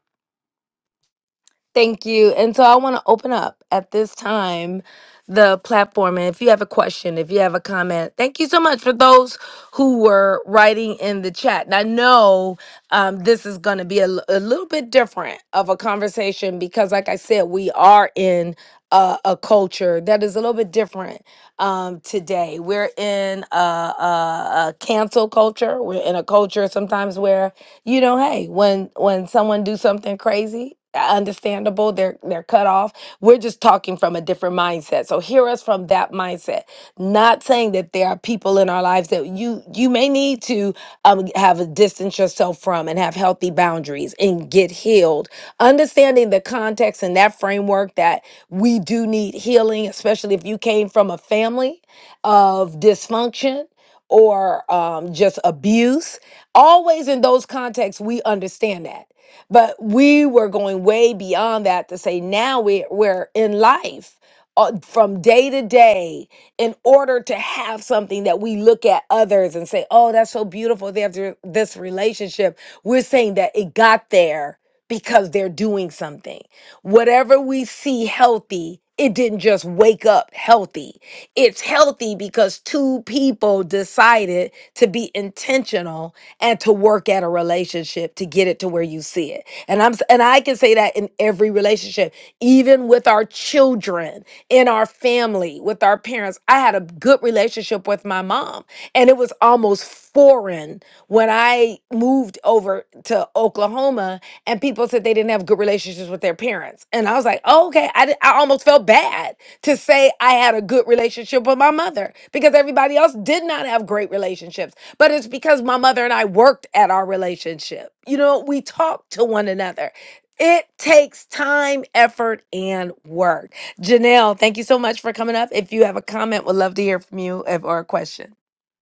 S1: Thank you. And so I want to open up at this time the platform. And if you have a question, if you have a comment, thank you so much for those who were writing in the chat. And I know um, this is going to be a, l- a little bit different of a conversation because, like I said, we are in a, a culture that is a little bit different um, today. We're in a, a, a cancel culture, we're in a culture sometimes where you know hey when when someone do something crazy understandable they're they're cut off we're just talking from a different mindset so hear us from that mindset not saying that there are people in our lives that you you may need to um, have a distance yourself from and have healthy boundaries and get healed understanding the context and that framework that we do need healing especially if you came from a family of dysfunction or um, just abuse. Always in those contexts, we understand that. But we were going way beyond that to say now we, we're in life uh, from day to day in order to have something that we look at others and say, oh, that's so beautiful. They have th- this relationship. We're saying that it got there because they're doing something. Whatever we see healthy, it didn't just wake up healthy. It's healthy because two people decided to be intentional and to work at a relationship to get it to where you see it. And I'm s- and I can say that in every relationship even with our children, in our family, with our parents. I had a good relationship with my mom, and it was almost foreign when I moved over to Oklahoma and people said they didn't have good relationships with their parents. And I was like, oh, okay, I, di- I almost felt bad to say I had a good relationship with my mother because everybody else did not have great relationships. But it's because my mother and I worked at our relationship. You know, we talked to one another. It takes time, effort, and work. Janelle, thank you so much for coming up. If you have a comment, would love to hear from you if, or a question.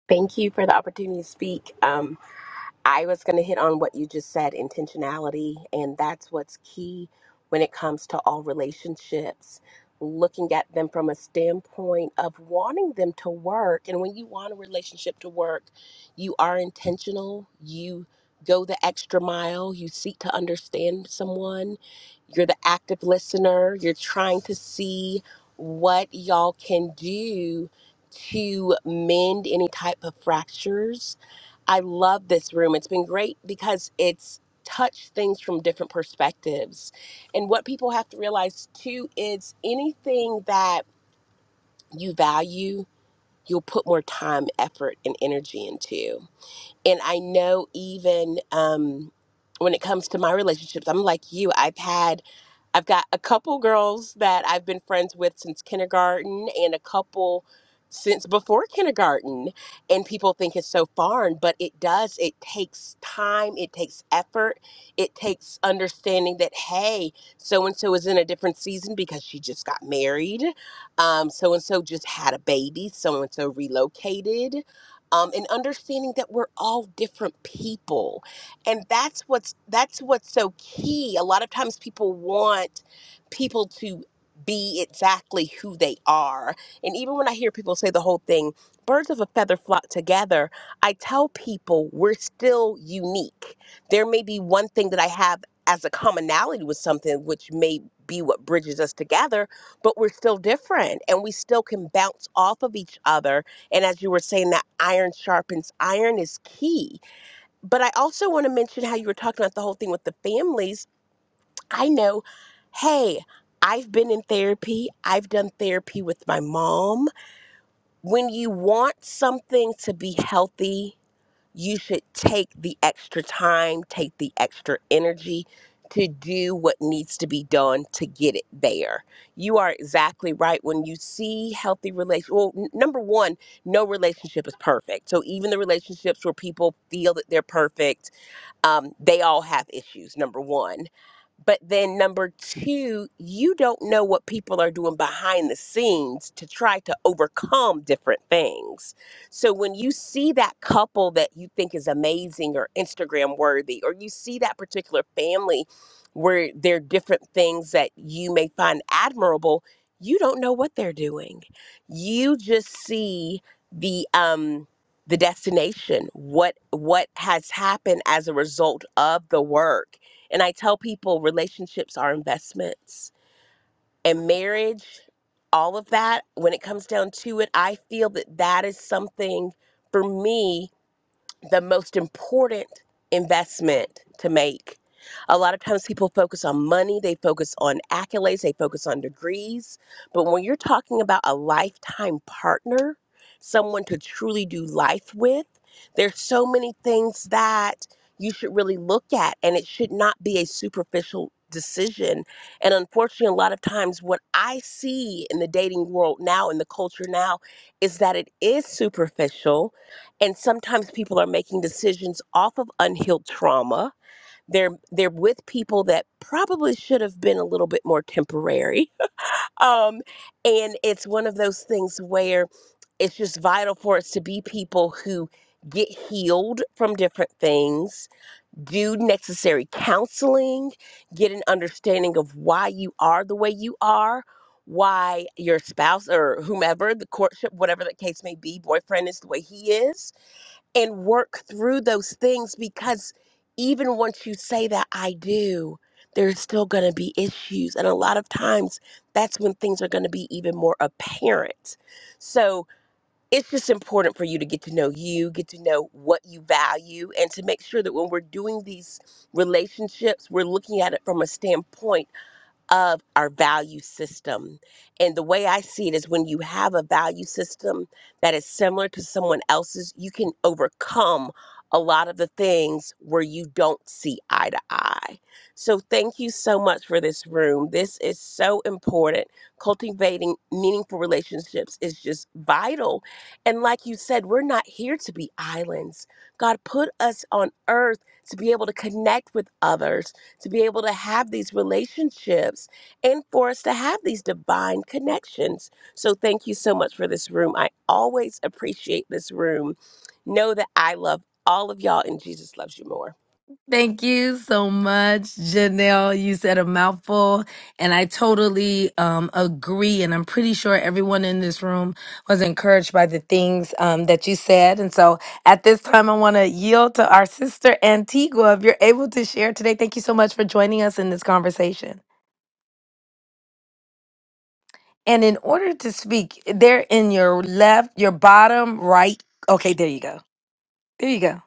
S3: Thank you for the opportunity to speak. Um, I was going to hit on what you just said intentionality, and that's what's key when it comes to all relationships. Looking at them from a standpoint of wanting them to work. And when you want a relationship to work, you are intentional, you go the extra mile, you seek to understand someone, you're the active listener, you're trying to see what y'all can do to mend any type of fractures I love this room. It's been great because it's touched things from different perspectives. And what people have to realize too is anything that you value, you'll put more time, effort, and energy into and I know even um, when it comes to my relationships, I'm like you. I've had, I've got a couple girls that I've been friends with since kindergarten, and a couple since before kindergarten. And people think it's so foreign, but it does. It takes time. It takes effort. It takes understanding that hey, so and so is in a different season because she just got married. Um, so and so just had a baby. So and so relocated um, and understanding that we're all different people and that's what's that's what's so key a lot of times people want people to be exactly who they are and even when i hear people say the whole thing birds of a feather flock together i tell people we're still unique there may be one thing that i have as a commonality with something which may be what bridges us together but we're still different and we still can bounce off of each other and as you were saying, that iron sharpens iron is key. But I also want to mention how you were talking about the whole thing with the families. I know, hey, I've been in therapy, I've done therapy with my mom. When you want something to be healthy, you should take the extra time, take the extra energy to do what needs to be done to get it there. You are exactly right. When you see healthy relationships, well, n- number one, no relationship is perfect. So even the relationships where people feel that they're perfect, um, they all have issues, number one. But then number two, you don't know what people are doing behind the scenes to try to overcome different things. So when you see that couple that you think is amazing or Instagram worthy, or you see that particular family where there are different things that you may find admirable, you don't know what they're doing. You just see the um the destination, what what has happened as a result of the work and I tell people relationships are investments and marriage, all of that, when it comes down to it, I feel that that is something for me the most important investment to make. A lot of times people focus on money, they focus on accolades, they focus on degrees. But when you're talking about a lifetime partner, someone to truly do life with, there's so many things that you should really look at, and it should not be a superficial decision. And unfortunately, a lot of times what I see in the dating world now, in the culture now, is that it is superficial and sometimes people are making decisions off of unhealed trauma they're they're with people that probably should have been a little bit more temporary um and it's one of those things where it's just vital for us to be people who get healed from different things do necessary counseling get an understanding of why you are the way you are why your spouse or whomever the courtship whatever the case may be boyfriend is the way he is and work through those things because even once you say that I do, there's still going to be issues. And a lot of times that's when things are going to be even more apparent. So it's just important for you to get to know you, get to know what you value, and to make sure that when we're doing these relationships, we're looking at it from a standpoint of our value system. And the way I see it is when you have a value system that is similar to someone else's, you can overcome a lot of the things where you don't see eye to eye. So, thank you so much for this room. This is so important. Cultivating meaningful relationships is just vital. And, like you said, we're not here to be islands. God put us on earth to be able to connect with others to be able to have these relationships and for us to have these divine connections. So thank you so much for this room. I always appreciate this room. Know that I love all of y'all and Jesus loves you more.
S1: Thank you so much, Janelle. You said a mouthful, and I totally um, agree. And I'm pretty sure everyone in this room was encouraged by the things um, that you said. And so at this time, I want to yield to our sister Antigua. If you're able to share today, thank you so much for joining us in this conversation. And in order to speak, they're in your left, your bottom right. Okay, there you go. There you go.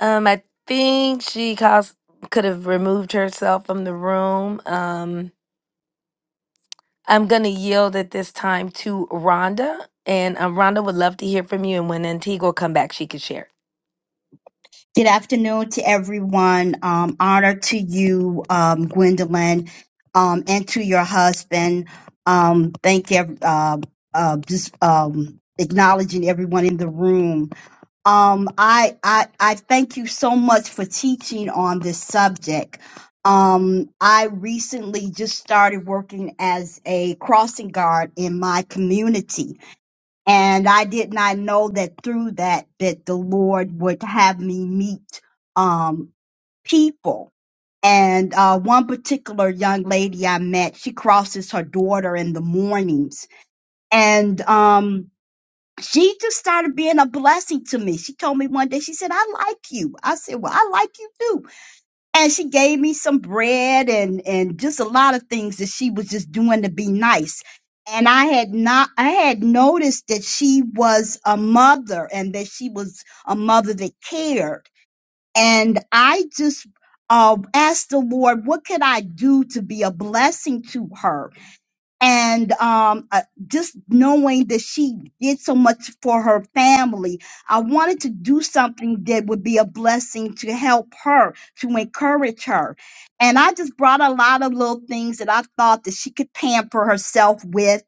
S1: Um, I think she caused, could have removed herself from the room. Um, I'm gonna yield at this time to Rhonda, and um, Rhonda would love to hear from you. And when Antigua come back, she could share.
S4: Good afternoon to everyone. Um, honor to you, um, Gwendolyn, um, and to your husband. Um, thank you. ev- Uh, uh, just um, acknowledging everyone in the room. Um, I, I I thank you so much for teaching on this subject. Um, I recently just started working as a crossing guard in my community and I did not know that through that that the Lord would have me meet um people. And uh, one particular young lady I met, she crosses her daughter in the mornings, and um, she just started being a blessing to me. She told me one day, she said, "I like you." I said, "Well, I like you too." and she gave me some bread and and just a lot of things that she was just doing to be nice and i had not i had noticed that she was a mother and that she was a mother that cared and i just uh, asked the lord what could i do to be a blessing to her and um, uh, just knowing that she did so much for her family, I wanted to do something that would be a blessing to help her, to encourage her. And I just brought a lot of little things that I thought that she could pamper herself with.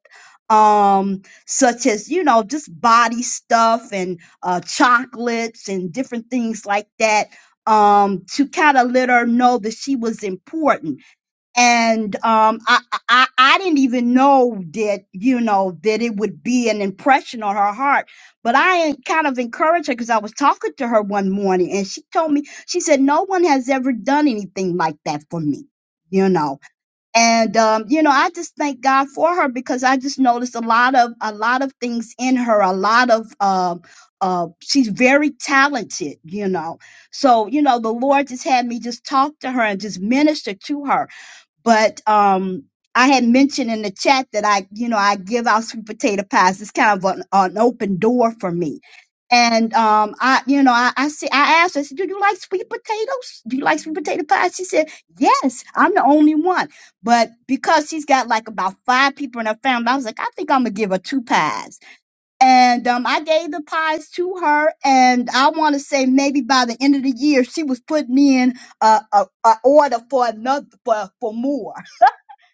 S4: Um, such as you know, just body stuff and uh, chocolates and different things like that, um, to kind of let her know that she was important and um, I, I I didn't even know that you know that it would be an impression on her heart. But I en- kind of encouraged her because I was talking to her one morning, and she told me she said no one has ever done anything like that for me, you know. And um, you know, I just thank God for her because I just noticed a lot of a lot of things in her, a lot of um. Uh, she's very talented, you know. So, you know, the Lord just had me just talk to her and just minister to her but um I had mentioned in the chat that I, you know, I give out sweet potato pies. It's kind of an, an open door for me. And um, I, you know, I, I see, I asked her, I said, "Do you like sweet potatoes? Do you like sweet potato pie?" She said, "Yes, I'm the only one." But because she's got like about five people in her family, I was like, "I think I'm gonna give her two pies." And um, I gave the pies to her, and I want to say maybe by the end of the year, she was putting in a, a, a order for another for, for more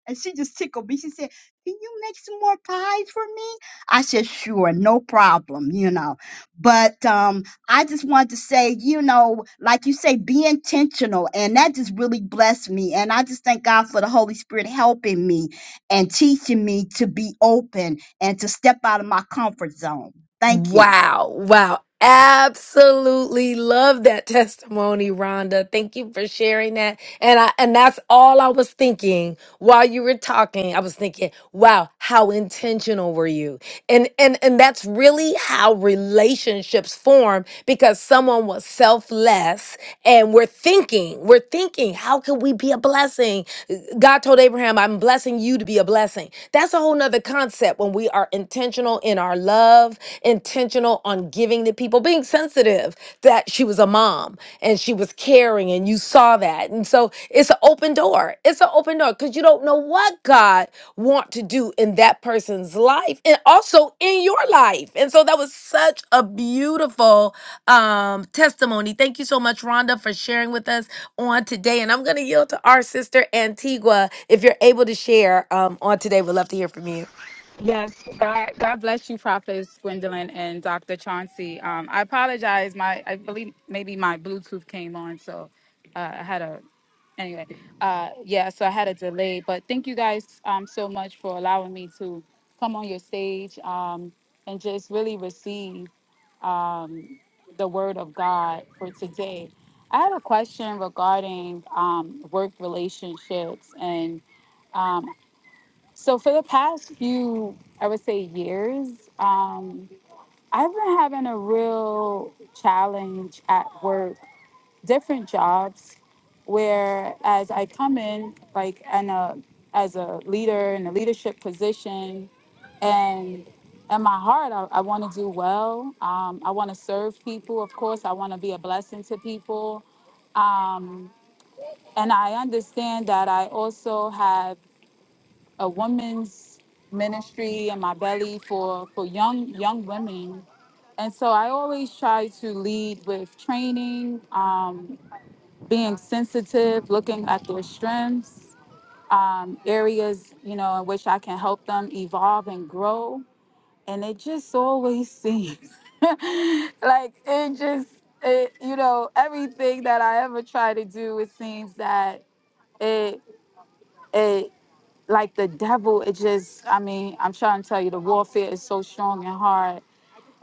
S4: and she just tickled me. She said, Can you make some more pies for me? I said, Sure, no problem, you know. But um, I just wanted to say, you know, like you say, be intentional. And that just really blessed me. And I just thank God for the Holy Spirit helping me and teaching me to be open and to step out of my comfort zone. Thank you.
S1: Wow. Wow. Absolutely love that testimony, Rhonda. Thank you for sharing that. And I and that's all I was thinking while you were talking. I was thinking, wow, how intentional were you? And and and that's really how relationships form because someone was selfless and we're thinking, we're thinking, how can we be a blessing? God told Abraham, I'm blessed." blessing you to be a blessing. That's a whole nother concept when we are intentional in our love, intentional on giving to people, being sensitive that she was a mom and she was caring and you saw that. And so it's an open door. It's an open door because you don't know what God want to do in that person's life and also in your life. And so that was such a beautiful um, testimony. Thank you so much, Rhonda, for sharing with us on today. And I'm going to yield to our sister Antigua. If you're able to share um, on today, we'd love to hear from you.
S5: Yes, God, God bless you, Prophets Gwendolyn and Dr. Chauncey. Um, I apologize. My, I believe maybe my Bluetooth came on, so uh, I had a, anyway, uh, yeah, so I had a delay. But thank you guys um, so much for allowing me to come on your stage um, and just really receive um, the word of God for today. I have a question regarding um, work relationships and. Um, so for the past few, I would say years, um, I've been having a real challenge at work, different jobs, where as I come in like and a as a leader in a leadership position, and in my heart, I, I want to do well. Um, I want to serve people. Of course, I want to be a blessing to people. Um, and I understand that I also have a woman's ministry in my belly for for young young women and so i always try to lead with training um, being sensitive looking at their strengths um, areas you know in which i can help them evolve and grow and it just always seems like it just it, you know everything that i ever try to do it seems that it it like the devil, it just, I mean, I'm trying to tell you, the warfare is so strong and hard.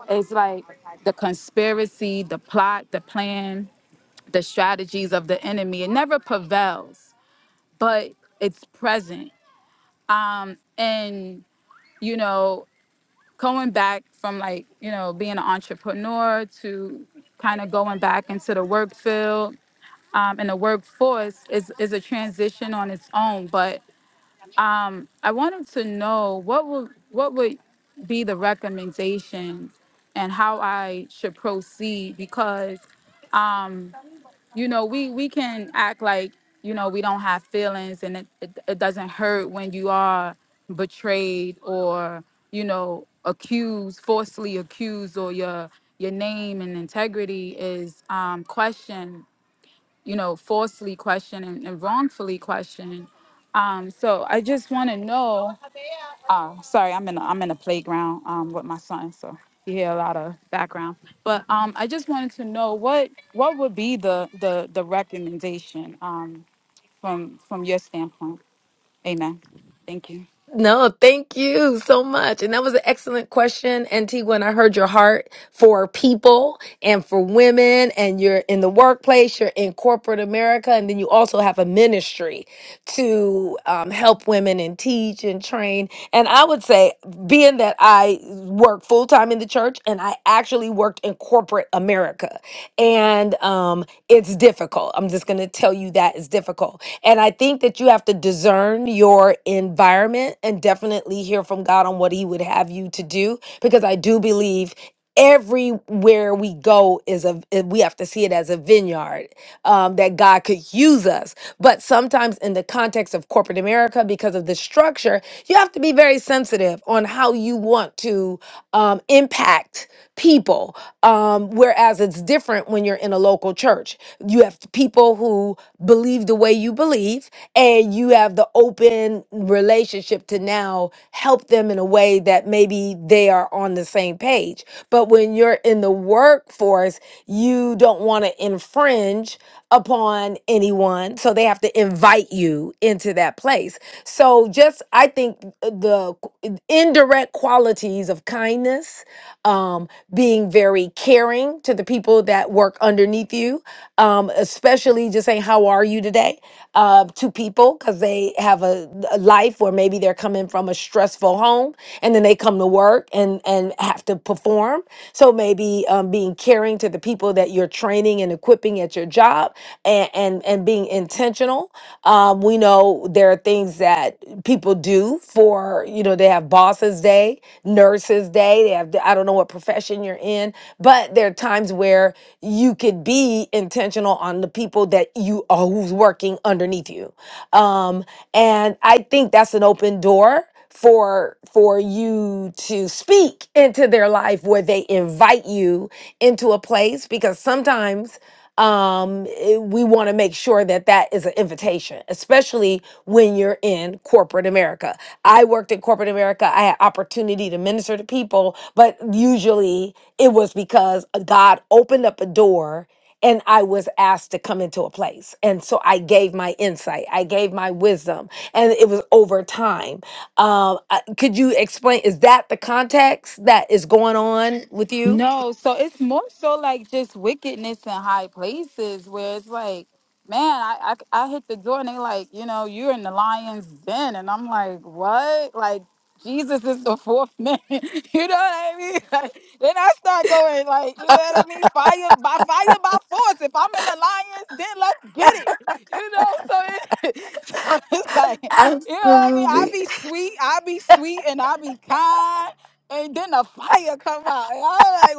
S5: It's like the conspiracy, the plot, the plan, the strategies of the enemy. It never prevails, but it's present. Um, and, you know, going back from like, you know, being an entrepreneur to kind of going back into the work field um, and the workforce is, is a transition on its own. But I wanted to know what will what would be the recommendation and how I should proceed because you know we we can act like you know we don't have feelings and it, it, it doesn't hurt when you are betrayed or you know accused falsely accused or your your name and integrity is um questioned you know falsely questioned and, and wrongfully questioned um so i just want to know Oh, sorry, I'm in a, I'm in a playground um with my son, so you hear a lot of background. But um, I just wanted to know what what would be the the the recommendation um from from your standpoint. Amen. Thank you.
S1: No, thank you so much. And that was an excellent question, Antigua. And I heard your heart for people. and for women and you're in the workplace you're in corporate america and then you also have a ministry to um, help women and teach and train and i would say being that i work full-time in the church and i actually worked in corporate america and um, it's difficult i'm just going to tell you that it's difficult and i think that you have to discern your environment and definitely hear from god on what he would have you to do because i do believe everywhere we go is a eh, we have to see it as a vineyard um, that god could use us but sometimes in the context of corporate america because of the structure you have to be very sensitive on how you want to um, impact people. Um, whereas it's different when you're in a local church. You have people who believe the way you believe, and you have the open relationship to now help them in a way that maybe they are on the same page. But when you're in the workforce, you don't want to infringe upon anyone. So they have to invite you into that place. So just just I think uh, the indirect qualities of kindness, um, being very caring to the people that work underneath you, um, especially just saying how are you today uh, to people because they have a, a life where maybe they're coming from a stressful home and then they come to work and and have to perform. So maybe um, being caring to the people that you're training and equipping at your job job and and, and being intentional. Um, we know there are things that people do for you know they have bosses day, nurses day. They have I don't know what profession you're in, but there are times where you could be intentional on the people that you are who's working underneath you. Um, and I think that's an open door for for you to speak into their life where they invite you into a place because sometimes um eh, we want to make sure that that is an invitation especially when you're in corporate america i worked in corporate america i had opportunity to minister to people but usually it was because god opened up a door and I was asked to come into a place. And so I gave my insight, I gave my wisdom, and it was over time. Um, I- could you explain? Is that the context that is going on with you?
S5: No, so it's more so like just wickedness in high places where it's like, man, I, I, I hit the door and they like, you know, you're in the lion's den. And I'm like, what? Like, Jesus is the fourth man. you know what I mean? Like, then I start going like, you know what I mean? Fire by fire by force. If I'm in the lion's den, let's get it. You know, so, it, so it's like, you know what I mean? I
S1: Absolutely.
S5: be sweet, I be sweet, and I be kind and then the fire come out. And I'm like,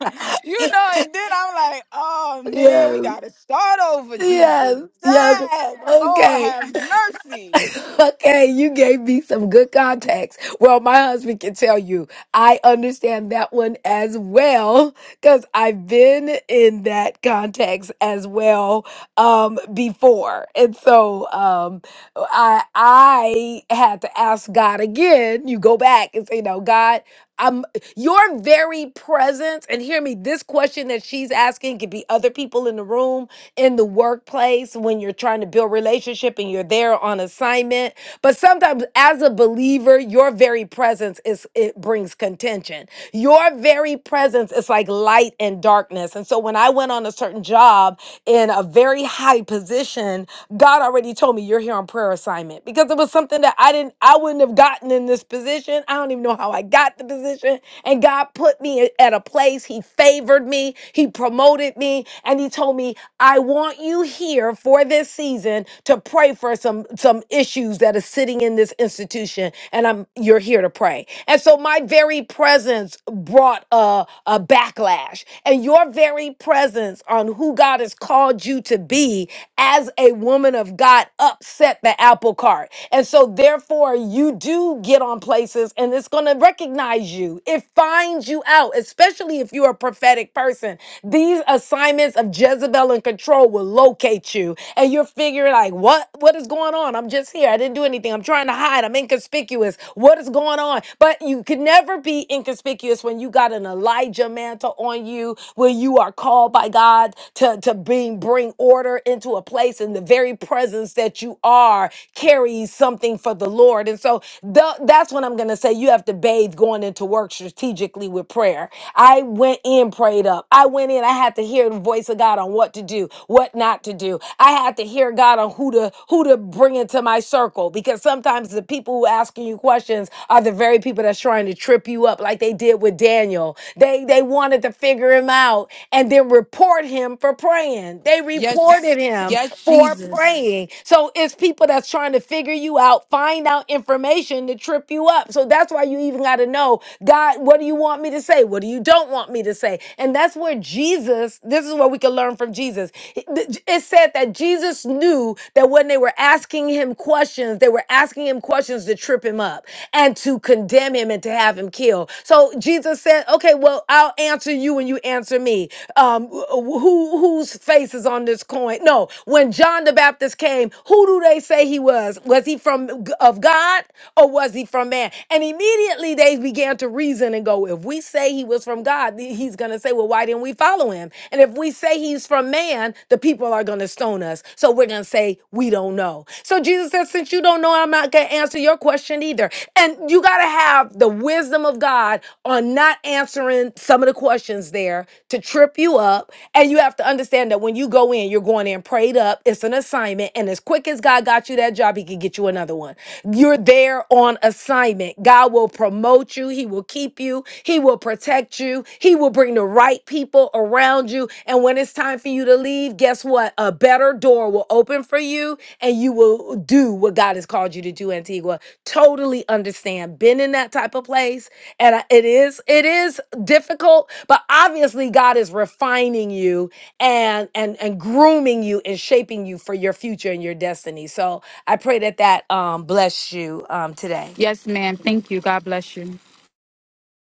S5: wait, you know, and then I'm like, oh man, we
S1: Yes.
S5: gotta start over, Jesus.
S1: Yes. Yes.
S5: Dang, Lord
S1: Okay.
S5: have mercy.
S1: okay, you gave me some good context. Well, my husband can tell you. I understand that one as well because I've been in that context as well um, before, and so um, I I had to ask God again. You go back and say, "No, God." um your very presence and hear me this question that she's asking could be other people in the room in the workplace when you're trying to build relationship and you're there on assignment but sometimes as a believer your very presence is it brings contention your very presence is like light and darkness and so when i went on a certain job in a very high position god already told me you're here on prayer assignment because it was something that i didn't i wouldn't have gotten in this position i don't even know how i got got the position and God put me at a place. He favored me, He promoted me, and He told me, I want you here for this season to pray for some, some issues that are sitting in this institution. And I'm you're here to pray. And so my very presence brought a, a backlash. And your very presence on who God has called you to be as a woman of God upset the apple cart. And so therefore you do get on places and it's gonna recognize you. It finds you out, especially if you're a prophetic person. These assignments of Jezebel and control will locate you. And you're figuring like, what? What is going on? I'm just here. I didn't do anything. I'm trying to hide. I'm inconspicuous. What is going on? But you can never be inconspicuous when you got an Elijah mantle on you, when you are called by God to, to bring, bring order into a place and the very presence that you are carries something for the Lord. And so the, that's what I'm going to say. You have to have to bathe going into work strategically with prayer. I went in prayed up. I went in. I had to hear the voice of God on what to do, what not to do. I had to hear God on who to who to bring into my circle because sometimes the people who asking you questions are the very people that's trying to trip you up, like they did with Daniel. They they wanted to figure him out and then report him for praying. They
S5: Yes,
S1: reported him
S5: yes,
S1: for
S5: Jesus.
S1: praying. So it's people that's trying to figure you out, find out information to trip you up. So that's that's why you even got to know, God, what do you want me to say? What do you don't want me to say? And that's where Jesus, this is what we can learn from Jesus. It it said that Jesus knew that when they were asking him questions, they were asking him questions to trip him up and to condemn him and to have him killed. So Jesus said, "Okay, well, I'll answer you when you answer me. Um, who whose face is on this coin? No. When John the Baptist came, who do they say he was? Was he from of God or was he from man? And immediately they began to reason and go, if we say he was from God, th- he's going to say, well, why didn't we follow him? And if we say he's from man, the people are going to stone us. So we're going to say, we don't know. So Jesus says, since you don't know, I'm not going to answer your question either. And you got to have the wisdom of God on not answering some of the questions there to trip you up. And you have to understand that when you go in, you're going in prayed up. It's an assignment. And as quick as God got you that job, he could get you another one. You're there on assignment alignment, God will promote you. He will keep you. He will protect you. He will bring the right people around you. And when it's time for you to leave, guess what? A better door will open for you and you will do what God has called you to do, Antigua. Totally understand. Been in that type of place. And I- it is, it is difficult, but obviously God is refining you and and and grooming you and shaping you for your future and your destiny. So I pray that that um, bless you um, today.
S5: Yes, ma'am. Thank you. God bless you.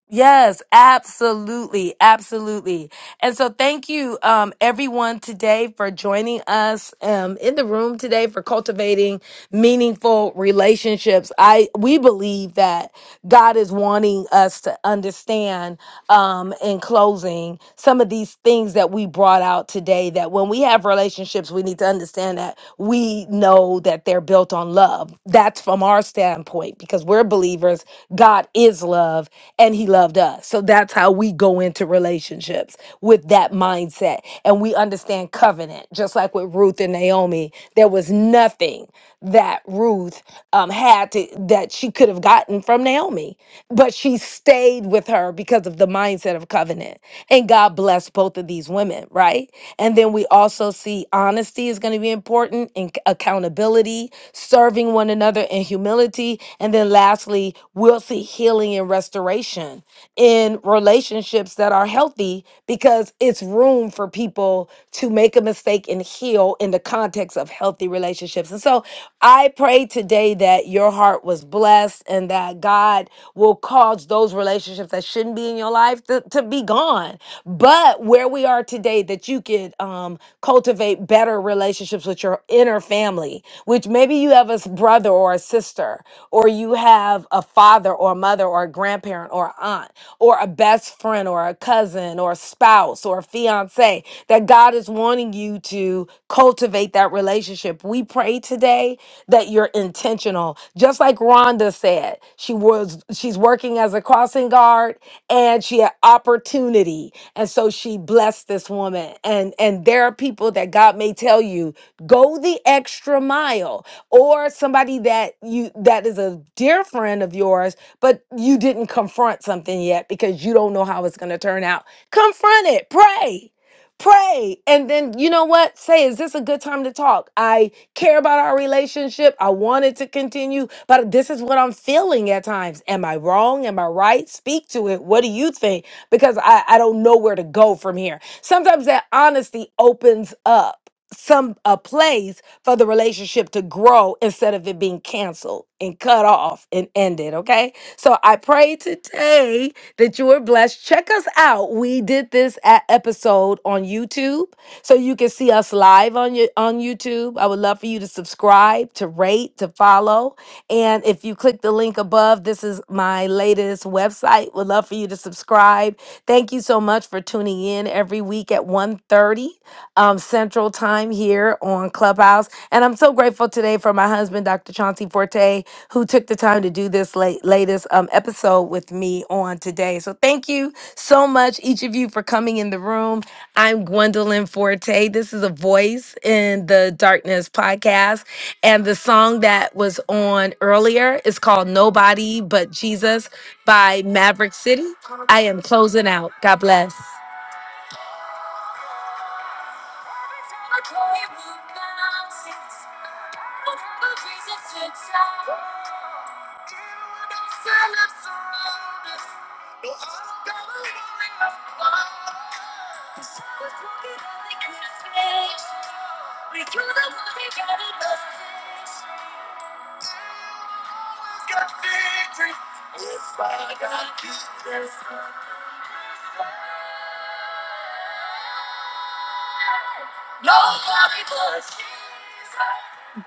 S1: Yes, absolutely, absolutely. And so thank you um everyone today for joining us um in the room today for cultivating meaningful relationships. I we believe that God is wanting us to understand um in closing some of these things that we brought out today that when we have relationships we need to understand that we know that they're built on love. That's from our standpoint because we're believers. God is love and he loved us. So that's how we go into relationships with that mindset. And we understand covenant, just like with Ruth and Naomi. There was nothing that Ruth um, had to, that she could have gotten from Naomi, but she stayed with her because of the mindset of covenant. And God blessed both of these women, right? right? And then we also see honesty is going to be important and c- accountability, serving one another and humility. And then lastly, we'll see healing and restoration in relationships that are healthy because it's room for people to make a mistake and heal in the context of healthy relationships. And so I pray today that your heart was blessed and that God will cause those relationships that shouldn't be in your life to, to be gone. But where we are today, that you could um, cultivate better relationships with your inner family, which maybe you have a s- brother or a sister, or you have a father or a mother or a grandparent or a aunt, or a best friend or a cousin or a spouse or a fiance that God is wanting you to cultivate that relationship. We pray today that you're intentional. Just like Rhonda said, she was she's working as a crossing guard and she had opportunity. And so she blessed this woman. And and there are people that God may tell you, go the extra mile. Or somebody that you that is a dear friend of yours, but you didn't confront something yet because you don't know how it's gonna turn out. Confront it. Pray pray and then you know what say is this a good time to talk i care about our relationship i want it to continue but this is what i'm feeling at times am i wrong am i right speak to it what do you think because i, I don't know where to go from here sometimes that honesty opens up some a place for the relationship to grow instead of it being canceled and cut off and ended okay so i pray today that you were blessed. Check us out. We did this a- episode on YouTube, so you can see us live on your on YouTube. I would love for you to subscribe, to rate, to follow, and if you click the link above, this is my latest website. Would love for you to subscribe. Thank you so much for tuning in every week at one thirty, um, Central Time here on Clubhouse, and I'm so grateful today for my husband, Dr. Chauncey Forte, who who took the time to do this late, latest um, episode with me on today. So thank you so much, each of you, for coming in the room. I'm Gwendolyn Forte. This is a voice in the darkness podcast. And the song that was on earlier is called Nobody But Jesus by Maverick City. I am closing out. God bless.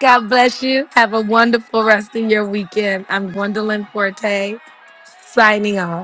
S1: God bless you. Have a wonderful rest of your weekend. I'm Gwendolyn Forte, signing off.